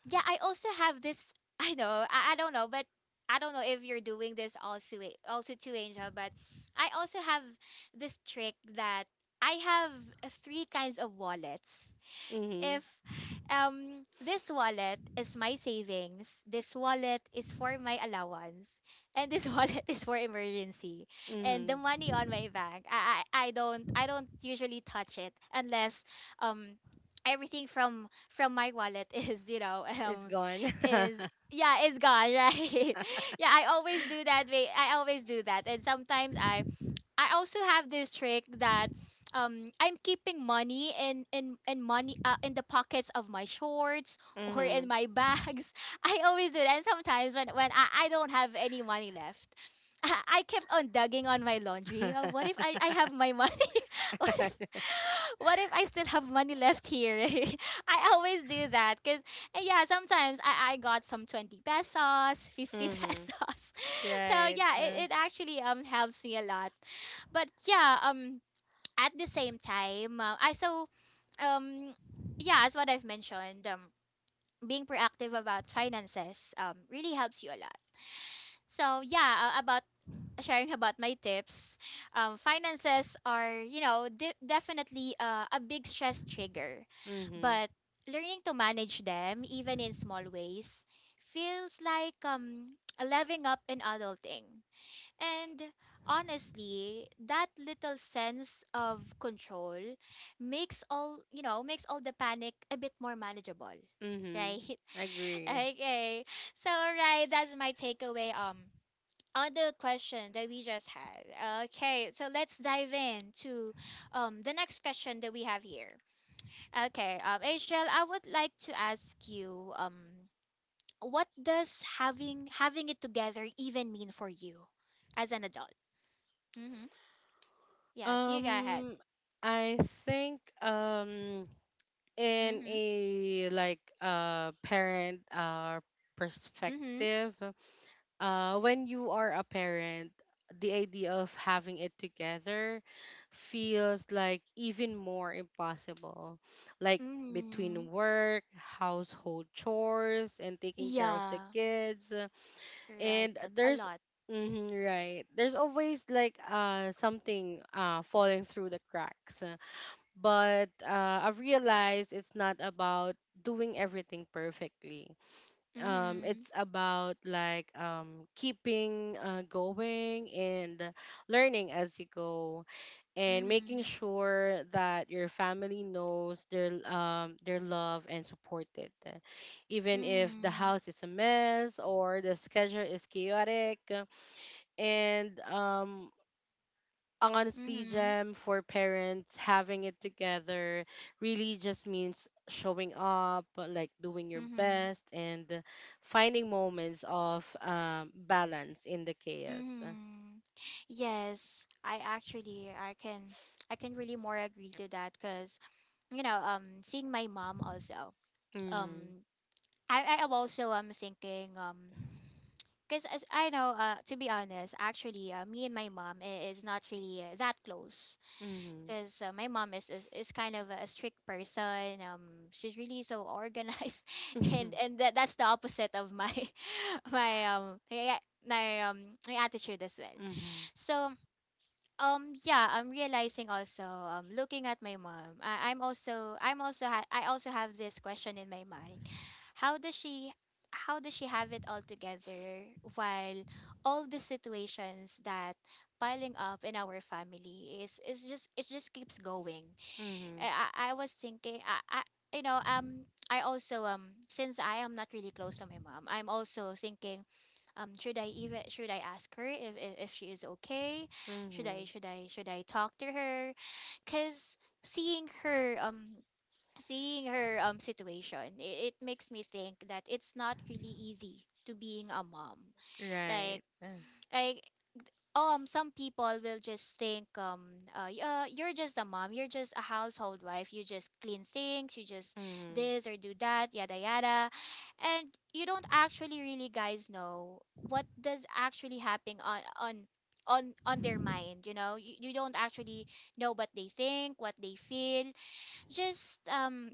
Speaker 1: yeah, I also have this. I know, I don't know, but I don't know if you're doing this also too, Angel, but I also have this trick that I have three kinds of wallets.
Speaker 2: mm-hmm,
Speaker 1: If this wallet is my savings, this wallet is for my allowance, and this wallet is for emergency. And the
Speaker 2: mm-hmm.
Speaker 1: money on my bank, I don't usually touch it unless um everything from my wallet
Speaker 2: It's gone.
Speaker 1: is yeah, is gone, right? Yeah, I always do that. I always do that. And sometimes I also have this trick that I'm keeping money in the pockets of my shorts or
Speaker 2: Mm-hmm.
Speaker 1: in my bags. I always do that. And sometimes when I don't have any money left, I kept on dugging on my laundry. What if I have my money? what if what if I still have money left here? I always do that because yeah, sometimes I got some 20 pesos, 50 pesos.
Speaker 2: Mm-hmm,
Speaker 1: So
Speaker 2: right.
Speaker 1: yeah, it, it actually helps me a lot, but yeah, at the same time, I so um, yeah, as what I've mentioned, being proactive about finances really helps you a lot. So yeah, about sharing about my tips, finances are, definitely, a big stress trigger,
Speaker 2: Mm-hmm,
Speaker 1: but learning to manage them even in small ways feels like a leveling up in adulting. And honestly, that little sense of control makes all the panic a bit more manageable,
Speaker 2: mm-hmm.
Speaker 1: right?
Speaker 2: Agree.
Speaker 1: Okay. So, right, that's my takeaway on the question that we just had. Okay, so let's dive in to the next question that we have here. Okay, Rachel, I would like to ask you, what does having it together even mean for you as an adult? Mm-hmm. Yes, you go ahead.
Speaker 2: Um, I think in
Speaker 1: Mm-hmm.
Speaker 2: a like parent
Speaker 1: Mm-hmm.
Speaker 2: perspective, when you are a parent, the idea of having it together feels like even more impossible. Like
Speaker 1: Mm-hmm.
Speaker 2: between work, household chores, and taking care of the
Speaker 1: Yeah.
Speaker 2: kids,
Speaker 1: Right.
Speaker 2: and
Speaker 1: That's a
Speaker 2: there's
Speaker 1: lot.
Speaker 2: mhm, right, there's always like something falling through the cracks. But I realized it's not about doing everything perfectly.
Speaker 1: Mm-hmm.
Speaker 2: It's about like keeping going and learning as you go, and making
Speaker 1: Mm-hmm.
Speaker 2: sure that your family knows their love and supported, even if the
Speaker 1: Mm-hmm.
Speaker 2: house is a mess or the schedule is chaotic. And honestly,
Speaker 1: Mm-hmm.
Speaker 2: Gem, for parents having it together really just means showing up, like doing your
Speaker 1: Mm-hmm.
Speaker 2: best, and finding moments of balance in the chaos.
Speaker 1: Mm-hmm. Yes, I actually I can I can really more agree to that, because seeing my mom also,
Speaker 2: Mm-hmm.
Speaker 1: um I am also thinking, because as I know, to be honest, actually, me and my mom, is not really, that close,
Speaker 2: Mm-hmm.
Speaker 1: because my mom is kind of a strict person. She's really so organized, and and that's the opposite of my my um my, my um my attitude as well.
Speaker 2: Mm-hmm.
Speaker 1: So yeah, I'm realizing also, looking at my mom, I, I'm also, ha- I also have this question in my mind. How does she, how does she have it all together while all the situations that piling up in our family it just keeps going.
Speaker 2: Mm-hmm.
Speaker 1: I was thinking, I you know I also, since I am not really close to my mom, I'm also thinking, should I even, should I ask her if she is okay, should I
Speaker 2: Mhm.
Speaker 1: should I should I talk to her, because seeing her um seeing her situation, it makes me think that it's not really easy to being a mom.
Speaker 2: Right.
Speaker 1: Like, like some people will just think, you're just a mom, you're just a household wife, you just clean things, you just
Speaker 2: Mhm.
Speaker 1: this or do that, yada yada, and you don't actually really, guys, know what does actually happen on their mind. You know, you don't actually know what they think, what they feel. Just,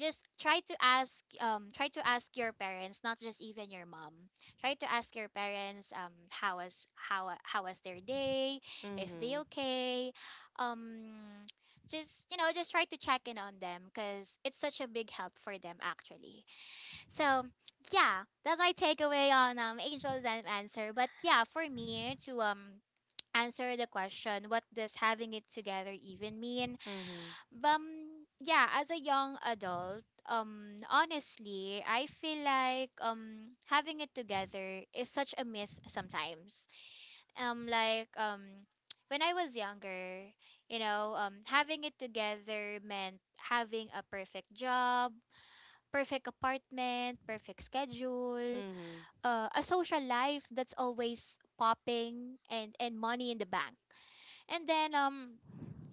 Speaker 1: just try to ask, try to ask your parents, not just even your mom. Try to ask your parents, how was their day, if
Speaker 2: Mhm.
Speaker 1: they okay. um just you know just try to check in on them, because it's such a big help for them actually. So yeah, that's my takeaway on angels and answer. But yeah, for me to answer the question, what does having it together even mean?
Speaker 2: Mhm.
Speaker 1: Yeah, as a young adult, honestly, I feel like having it together is such a myth sometimes. Like, when I was younger, you know, having it together meant having a perfect job, perfect apartment, perfect schedule,
Speaker 2: Mhm.
Speaker 1: a social life that's always popping, and money in the bank. And then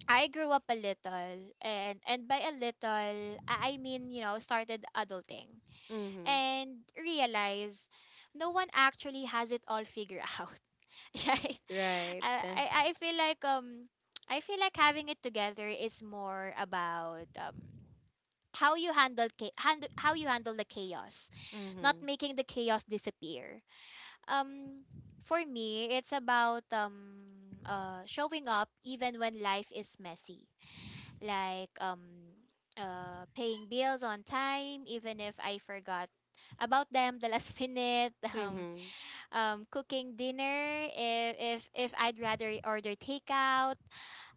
Speaker 1: I grew up a little, and by a little, I mean, you know, started adulting,
Speaker 2: Mhm.
Speaker 1: and realize no one actually has it all figured out. Right?
Speaker 2: Right.
Speaker 1: I I I feel like, I feel like having it together is more about how you handle the chaos, not
Speaker 2: Mhm.
Speaker 1: making the chaos disappear. Um for me, it's about showing up even when life is messy, like paying bills on time, even if I forgot about them the last minute,
Speaker 2: Mhm.
Speaker 1: cooking dinner if I'd rather order takeout,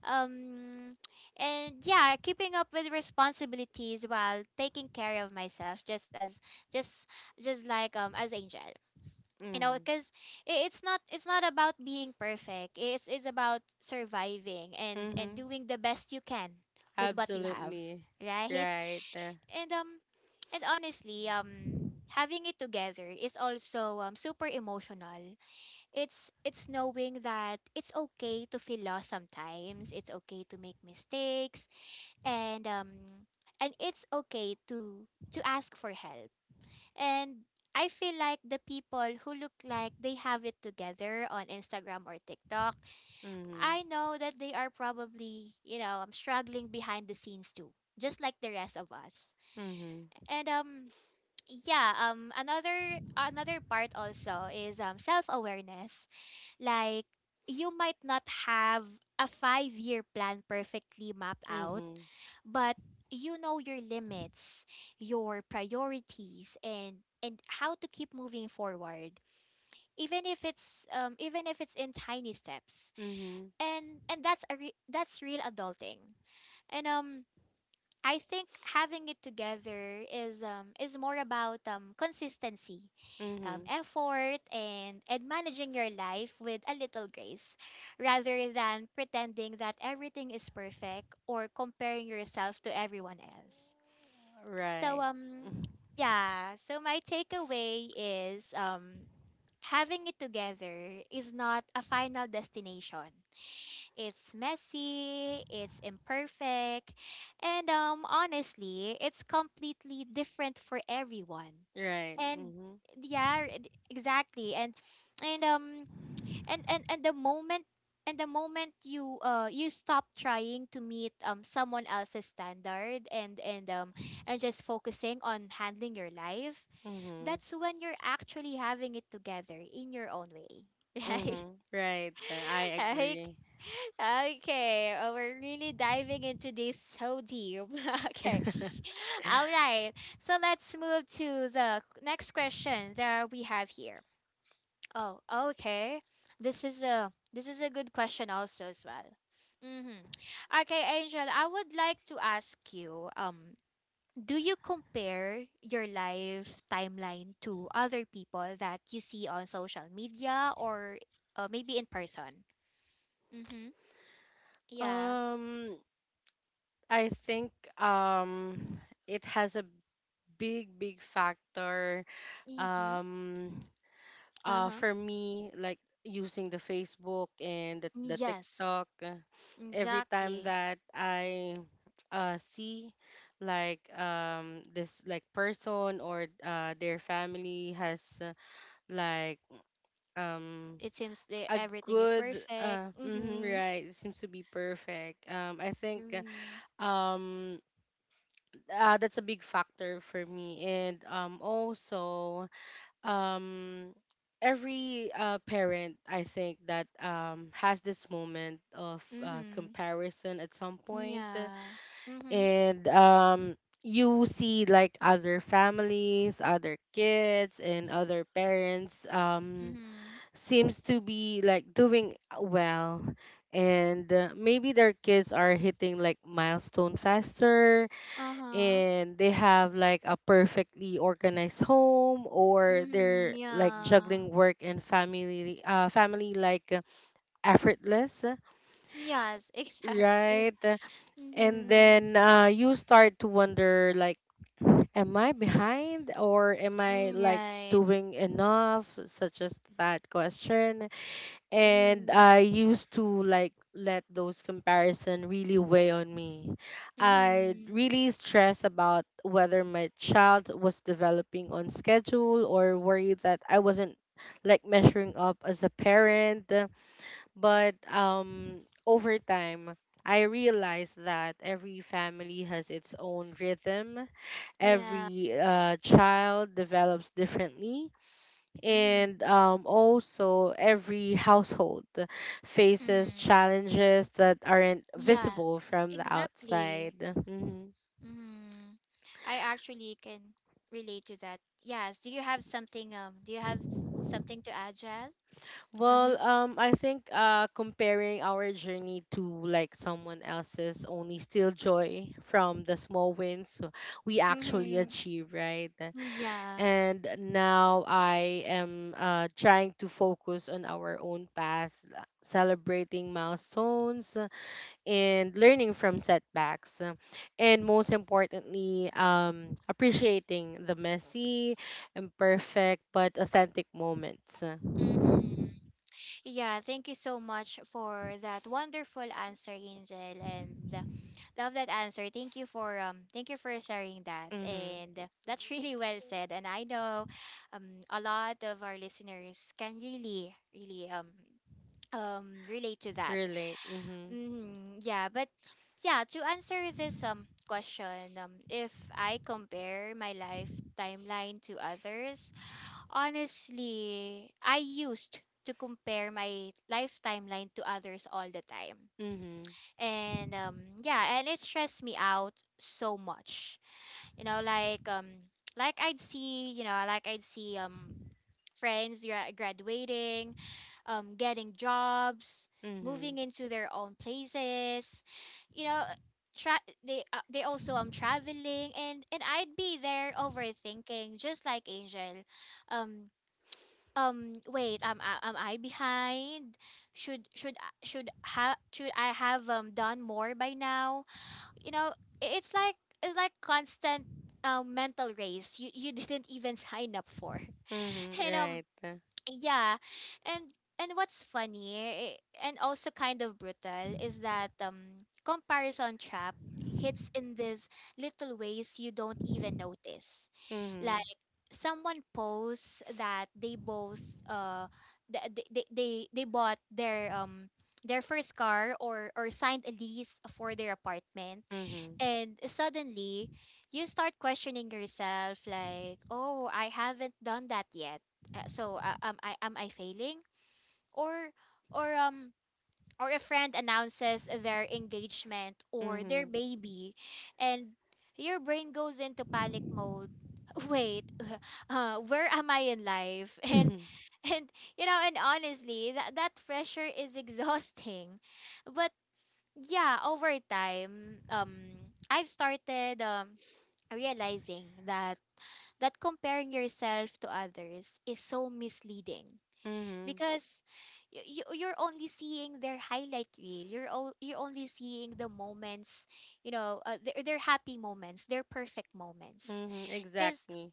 Speaker 1: um and yeah, keeping up with responsibilities while taking care of myself, just just like, as Angel, you know,
Speaker 2: Mhm.
Speaker 1: because it's not about being perfect, it's about surviving and
Speaker 2: Mhm.
Speaker 1: doing the best you can with what you have,
Speaker 2: Absolutely.
Speaker 1: right.
Speaker 2: Right.
Speaker 1: and um and honestly, having it together is also super emotional. It's knowing that it's okay to feel lost sometimes, it's okay to make mistakes, and um and it's okay to ask for help. And I feel like the people who look like they have it together on Instagram or TikTok,
Speaker 2: Mhm.
Speaker 1: I know that they are probably, you know, struggling behind the scenes too, just like the rest of us.
Speaker 2: Mhm.
Speaker 1: And yeah, another part also is self-awareness. Like, you might not have a 5-year plan perfectly mapped out,
Speaker 2: Mhm.
Speaker 1: but you know your limits, your priorities, and how to keep moving forward, even if it's, even if it's in tiny steps.
Speaker 2: Mhm.
Speaker 1: And that's that's real adulting. And I think having it together is, is more about consistency,
Speaker 2: Mhm.
Speaker 1: effort, and managing your life with a little grace, rather than pretending that everything is perfect or comparing yourself to everyone else. So
Speaker 2: Right. Mm,
Speaker 1: yeah, so my takeaway is, having it together is not a final destination. It's messy, it's imperfect, and honestly, it's completely different for everyone.
Speaker 2: right.
Speaker 1: And
Speaker 2: Mhm.
Speaker 1: yeah, exactly. And um and the moment, you stop trying to meet someone else's standard, and just focusing on handling your life,
Speaker 2: Mhm.
Speaker 1: that's when you're actually having it together in your own way.
Speaker 2: Mhm. Right. I
Speaker 1: Right? Okay.
Speaker 2: agree.
Speaker 1: Okay, oh, we're really diving into this so deep. Okay, all right. So let's move to the next question that we have here. Oh, okay. This is a good question also as well. Mm-hmm. Okay, Angel, I would like to ask you. Do you compare your life timeline to other people that you see on social media, or maybe in person? Mm-hmm. Yeah.
Speaker 2: Um, I think um it has a big factor
Speaker 1: Mm-hmm.
Speaker 2: um
Speaker 1: Uh-huh.
Speaker 2: for me, like using the Facebook and the
Speaker 1: Yes,
Speaker 2: TikTok. Every time
Speaker 1: exactly.
Speaker 2: that I see like this like person or their family has like um
Speaker 1: It seems that
Speaker 2: a
Speaker 1: everything is
Speaker 2: good
Speaker 1: perfect.
Speaker 2: mhm,
Speaker 1: Mm-hmm.
Speaker 2: right, it seems to be perfect. I think
Speaker 1: Mm-hmm.
Speaker 2: uh, um that's a big factor for me. And um also um every parent I think that has this moment of
Speaker 1: Mm-hmm.
Speaker 2: comparison at some point.
Speaker 1: Yeah. Mm-hmm.
Speaker 2: And you see like other families, other kids, and other parents
Speaker 1: Mm-hmm.
Speaker 2: seems to be like doing well, and maybe their kids are hitting like milestone faster,
Speaker 1: Uh-huh.
Speaker 2: and they have like a perfectly organized home, or
Speaker 1: Mm-hmm.
Speaker 2: they're like
Speaker 1: Yeah.
Speaker 2: juggling work and family like effortless,
Speaker 1: Yes, exactly.
Speaker 2: right? And
Speaker 1: Mm-hmm.
Speaker 2: then you start to wonder like, am I behind, or am I
Speaker 1: Mm,
Speaker 2: like
Speaker 1: right.
Speaker 2: doing enough, such as that question. And
Speaker 1: Mm-hmm.
Speaker 2: I used to like let those comparison really weigh on me. I
Speaker 1: Mm-hmm.
Speaker 2: really stress about whether my child was developing on schedule, or worried that I wasn't like measuring up as a parent. But over time I realized that every family has its own rhythm.
Speaker 1: Yeah.
Speaker 2: Every child develops differently,
Speaker 1: Mm-hmm.
Speaker 2: and also every household faces
Speaker 1: Mm-hmm.
Speaker 2: challenges that aren't
Speaker 1: Yeah.
Speaker 2: visible from the outside.
Speaker 1: Exactly.
Speaker 2: Mhm.
Speaker 1: Mm-hmm. I actually can relate to that. Yes. Do you have something, do you have s- something to add, Jel?
Speaker 2: Well,
Speaker 1: Mm-hmm.
Speaker 2: I think comparing our journey to like someone else's only steal joy from the small wins we actually
Speaker 1: Mm-hmm.
Speaker 2: achieve, right?
Speaker 1: Yeah.
Speaker 2: And now I am trying to focus on our own path, celebrating milestones and learning from setbacks, and most importantly appreciating the messy, imperfect, but authentic moments.
Speaker 1: Mm-hmm. Yeah, thank you so much for that wonderful answer, Angel, and, love that answer. Thank you for sharing that.
Speaker 2: Mm-hmm.
Speaker 1: And, that's really well said. And I know, a lot of our listeners can really, really, relate to that.
Speaker 2: Relate. Mm-hmm.
Speaker 1: Mm-hmm. Yeah, but yeah, to answer this question, if I compare my life timeline to others, honestly, I used to compare my life timeline to others all the time.
Speaker 2: Mm-hmm.
Speaker 1: And yeah, and it stressed me out so much. You know, like I'd see friends graduating, getting jobs,
Speaker 2: Mm-hmm.
Speaker 1: moving into their own places. You know, they also traveling, and I'd be there overthinking, just like Angel. Um Wait, am I behind? Should should I have done more by now? You know, i- it's like it's like constant mental race you didn't even sign up for.
Speaker 2: Mm-hmm.
Speaker 1: And
Speaker 2: Right.
Speaker 1: yeah. And what's funny, eh, and also kind of brutal, is that comparison trap hits in these little ways you don't even notice.
Speaker 2: Mm-hmm.
Speaker 1: Like someone posts that they both uh they bought their their first car or signed a lease for their apartment
Speaker 2: Mm-hmm.
Speaker 1: and suddenly, you start questioning yourself like, "Oh, I haven't done that yet. Am I failing?" Or or or a friend announces their engagement or
Speaker 2: Mm-hmm.
Speaker 1: their baby and your brain goes into panic mode. Wait, where am I in life? And and honestly, that pressure is exhausting. But yeah, over time, I've started realizing that comparing yourself to others is so misleading
Speaker 2: Mm-hmm.
Speaker 1: because you're only seeing their highlight reel. You're only seeing the moments, their their happy moments, their perfect moments.
Speaker 2: Mm-hmm.
Speaker 1: Because
Speaker 2: Exactly.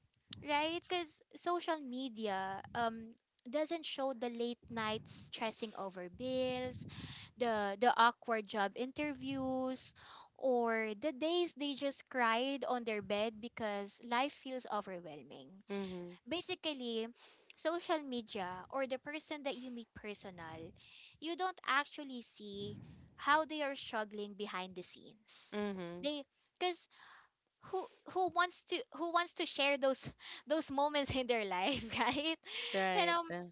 Speaker 1: right? Because social media doesn't show the late nights stressing over bills, the awkward job interviews, or the days they just cried on their bed because life feels overwhelming.
Speaker 2: Mm-hmm.
Speaker 1: Basically, social media or the person that you meet personal, you don't actually see how they are struggling behind the scenes.
Speaker 2: Mm-hmm.
Speaker 1: They because Who wants to share those those moments in their life, right? and
Speaker 2: Right.
Speaker 1: um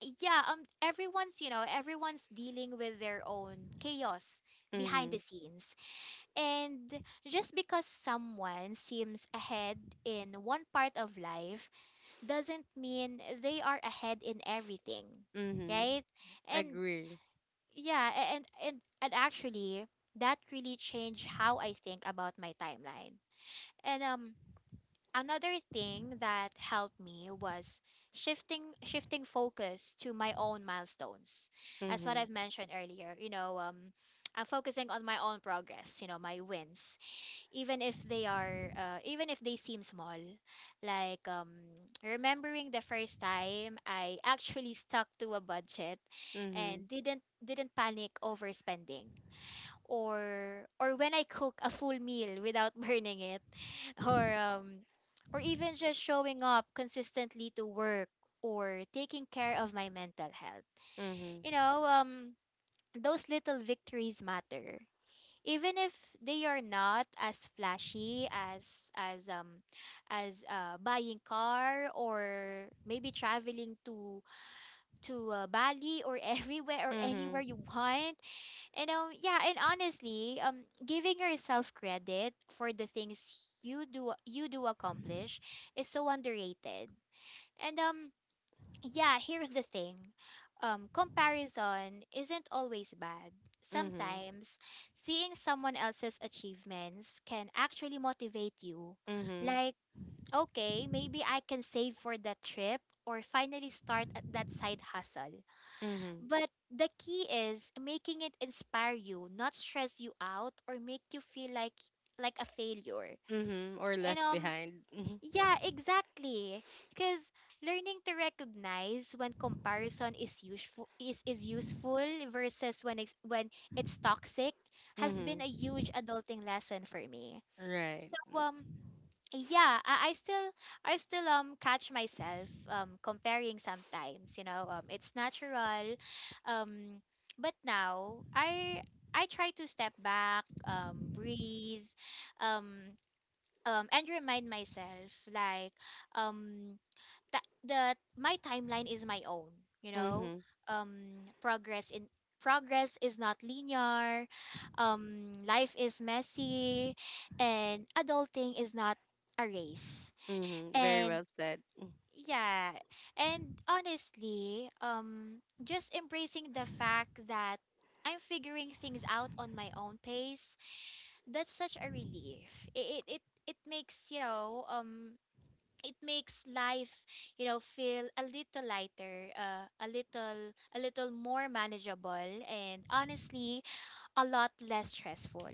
Speaker 1: yeah, everyone's everyone's dealing with their own chaos behind the
Speaker 2: Mm-hmm.
Speaker 1: scenes, and just because someone seems ahead in one part of life doesn't mean they are ahead in everything,
Speaker 2: Mm-hmm.
Speaker 1: right? and
Speaker 2: Agree.
Speaker 1: yeah a- and and and actually, that really changed how I think about my timeline. And Another thing that helped me was shifting focus to my own milestones. That's what
Speaker 2: Mm-hmm.
Speaker 1: I've mentioned earlier. I'm focusing on my own progress. You know, my wins, even if they are, even if they seem small. Like remembering the first time I actually stuck to a budget,
Speaker 2: Mm-hmm.
Speaker 1: and didn't panic over spending, or when I cook a full meal without burning it, or or even just showing up consistently to work or taking care of my mental health.
Speaker 2: Mm-hmm.
Speaker 1: You know, um those little victories matter. Even if they are not as flashy as as um buying car or maybe traveling to Bali or everywhere or anywhere you
Speaker 2: Mm-hmm.
Speaker 1: want. And yeah, and honestly, giving yourself credit for the things you do accomplish is so underrated. And yeah, here's the thing. Comparison isn't always bad.
Speaker 2: Mm-hmm.
Speaker 1: Sometimes seeing someone else's achievements can actually motivate you.
Speaker 2: Mm-hmm.
Speaker 1: Like, okay, maybe I can save for that trip or finally start at that side hustle.
Speaker 2: Mm-hmm.
Speaker 1: But the key is making it inspire you, not stress you out or make you feel like a failure.
Speaker 2: Mm-hmm. Or
Speaker 1: And
Speaker 2: left
Speaker 1: um
Speaker 2: behind. Mm-hmm.
Speaker 1: yeah, exactly. Cuz learning to recognize when comparison is useful versus when it's toxic has been a
Speaker 2: Mm-hmm.
Speaker 1: huge adulting lesson for me.
Speaker 2: Right.
Speaker 1: So yeah, I still catch myself comparing sometimes, you know, it's natural. um but now I try to step back, breathe, um and remind myself like, um that the my timeline is my own, you know.
Speaker 2: Mm-hmm.
Speaker 1: um progress in Progress is not linear. Life is messy and adulting is not a race.
Speaker 2: Mm-hmm. Very
Speaker 1: And
Speaker 2: well said.
Speaker 1: yeah, and honestly, just embracing the fact that I'm figuring things out on my own pace, that's such a relief. It makes, it makes life, you know, feel a little lighter, a little, a little more manageable, and honestly a lot less stressful.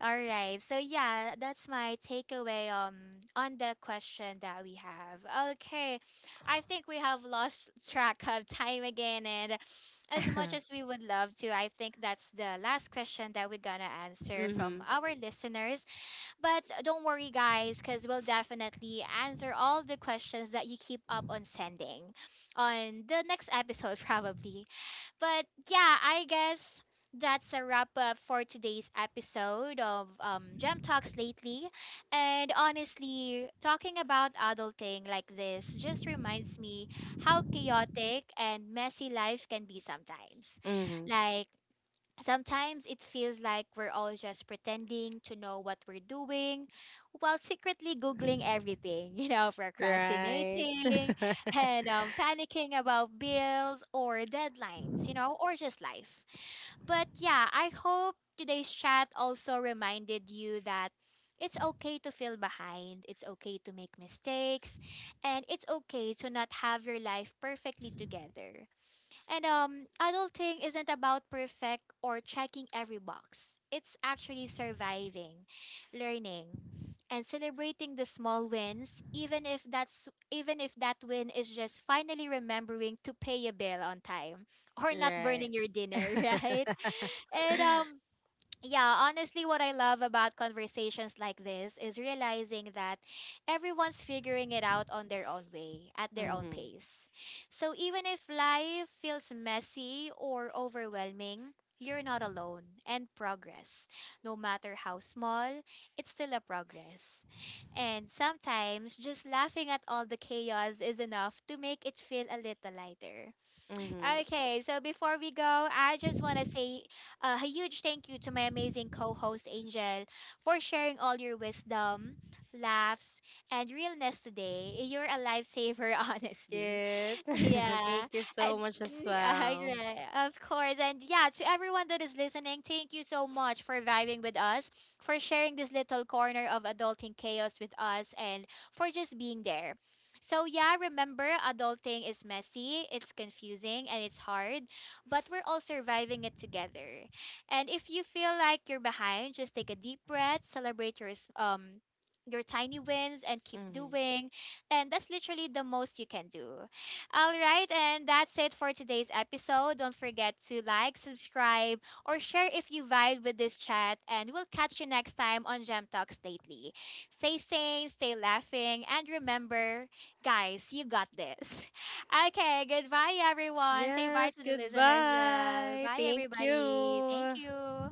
Speaker 1: All right, so yeah, that's my takeaway on the question that we have. Okay, I think we have lost track of time again, and as much as we would love to, I think that's the last question that we're gonna answer from
Speaker 2: Mm-hmm.
Speaker 1: our listeners. But don't worry, guys, because we'll definitely answer all the questions that you keep up on sending on the next episode, probably. But yeah, I guess that's a wrap up for today's episode of Gem Talks Lately. And honestly, talking about adulting like this just reminds me how chaotic and messy life can be sometimes.
Speaker 2: Mm-hmm.
Speaker 1: Like, sometimes it feels like we're all just pretending to know what we're doing while secretly Googling everything, you know,
Speaker 2: Right.
Speaker 1: procrastinating and panicking about bills or deadlines, you know, or just life. But yeah, I hope today's chat also reminded you that it's okay to feel behind, it's okay to make mistakes, and it's okay to not have your life perfectly together. And adulting isn't about perfect or checking every box. It's actually surviving, learning, and celebrating the small wins, even if that win is just finally remembering to pay a bill on time or not
Speaker 2: Right.
Speaker 1: burning your dinner, right? And yeah, honestly, what I love about conversations like this is realizing that everyone's figuring it out on their own way, at their own
Speaker 2: Mm-hmm.
Speaker 1: pace. So even if life feels messy or overwhelming, you're not alone. And progress, no matter how small, it's still a progress. And sometimes just laughing at all the chaos is enough to make it feel a little lighter.
Speaker 2: Mm-hmm.
Speaker 1: Okay, so before we go, I just want to say a huge thank you to my amazing co host, Angel, for sharing all your wisdom, laughs, and realness today. You're a lifesaver, honestly.
Speaker 2: Yes.
Speaker 1: Yeah,
Speaker 2: Thank you
Speaker 1: and
Speaker 2: so much as
Speaker 1: mm, yeah,
Speaker 2: well.
Speaker 1: right, of course. And yeah, to everyone that is listening, thank you so much for vibing with us, for sharing this little corner of adulting chaos with us, and for just being there. So yeah, remember, adulting is messy, it's confusing, and it's hard, but we're all surviving it together. And if you feel like you're behind, just take a deep breath, celebrate your your tiny wins, and keep
Speaker 2: Mm-hmm.
Speaker 1: doing. And that's literally the most you can do. All right, and that's it for today's episode. Don't forget to like, subscribe, or share if you vibe with this chat, and we'll catch you next time on Gem Talks Lately. Stay sane, stay laughing, and remember, guys, you got this. Okay, goodbye, everyone. Say bye
Speaker 2: Yes.
Speaker 1: to the listeners. Jel.
Speaker 2: Goodbye.
Speaker 1: Bye,
Speaker 2: Thank
Speaker 1: everybody. Thank
Speaker 2: you.
Speaker 1: you.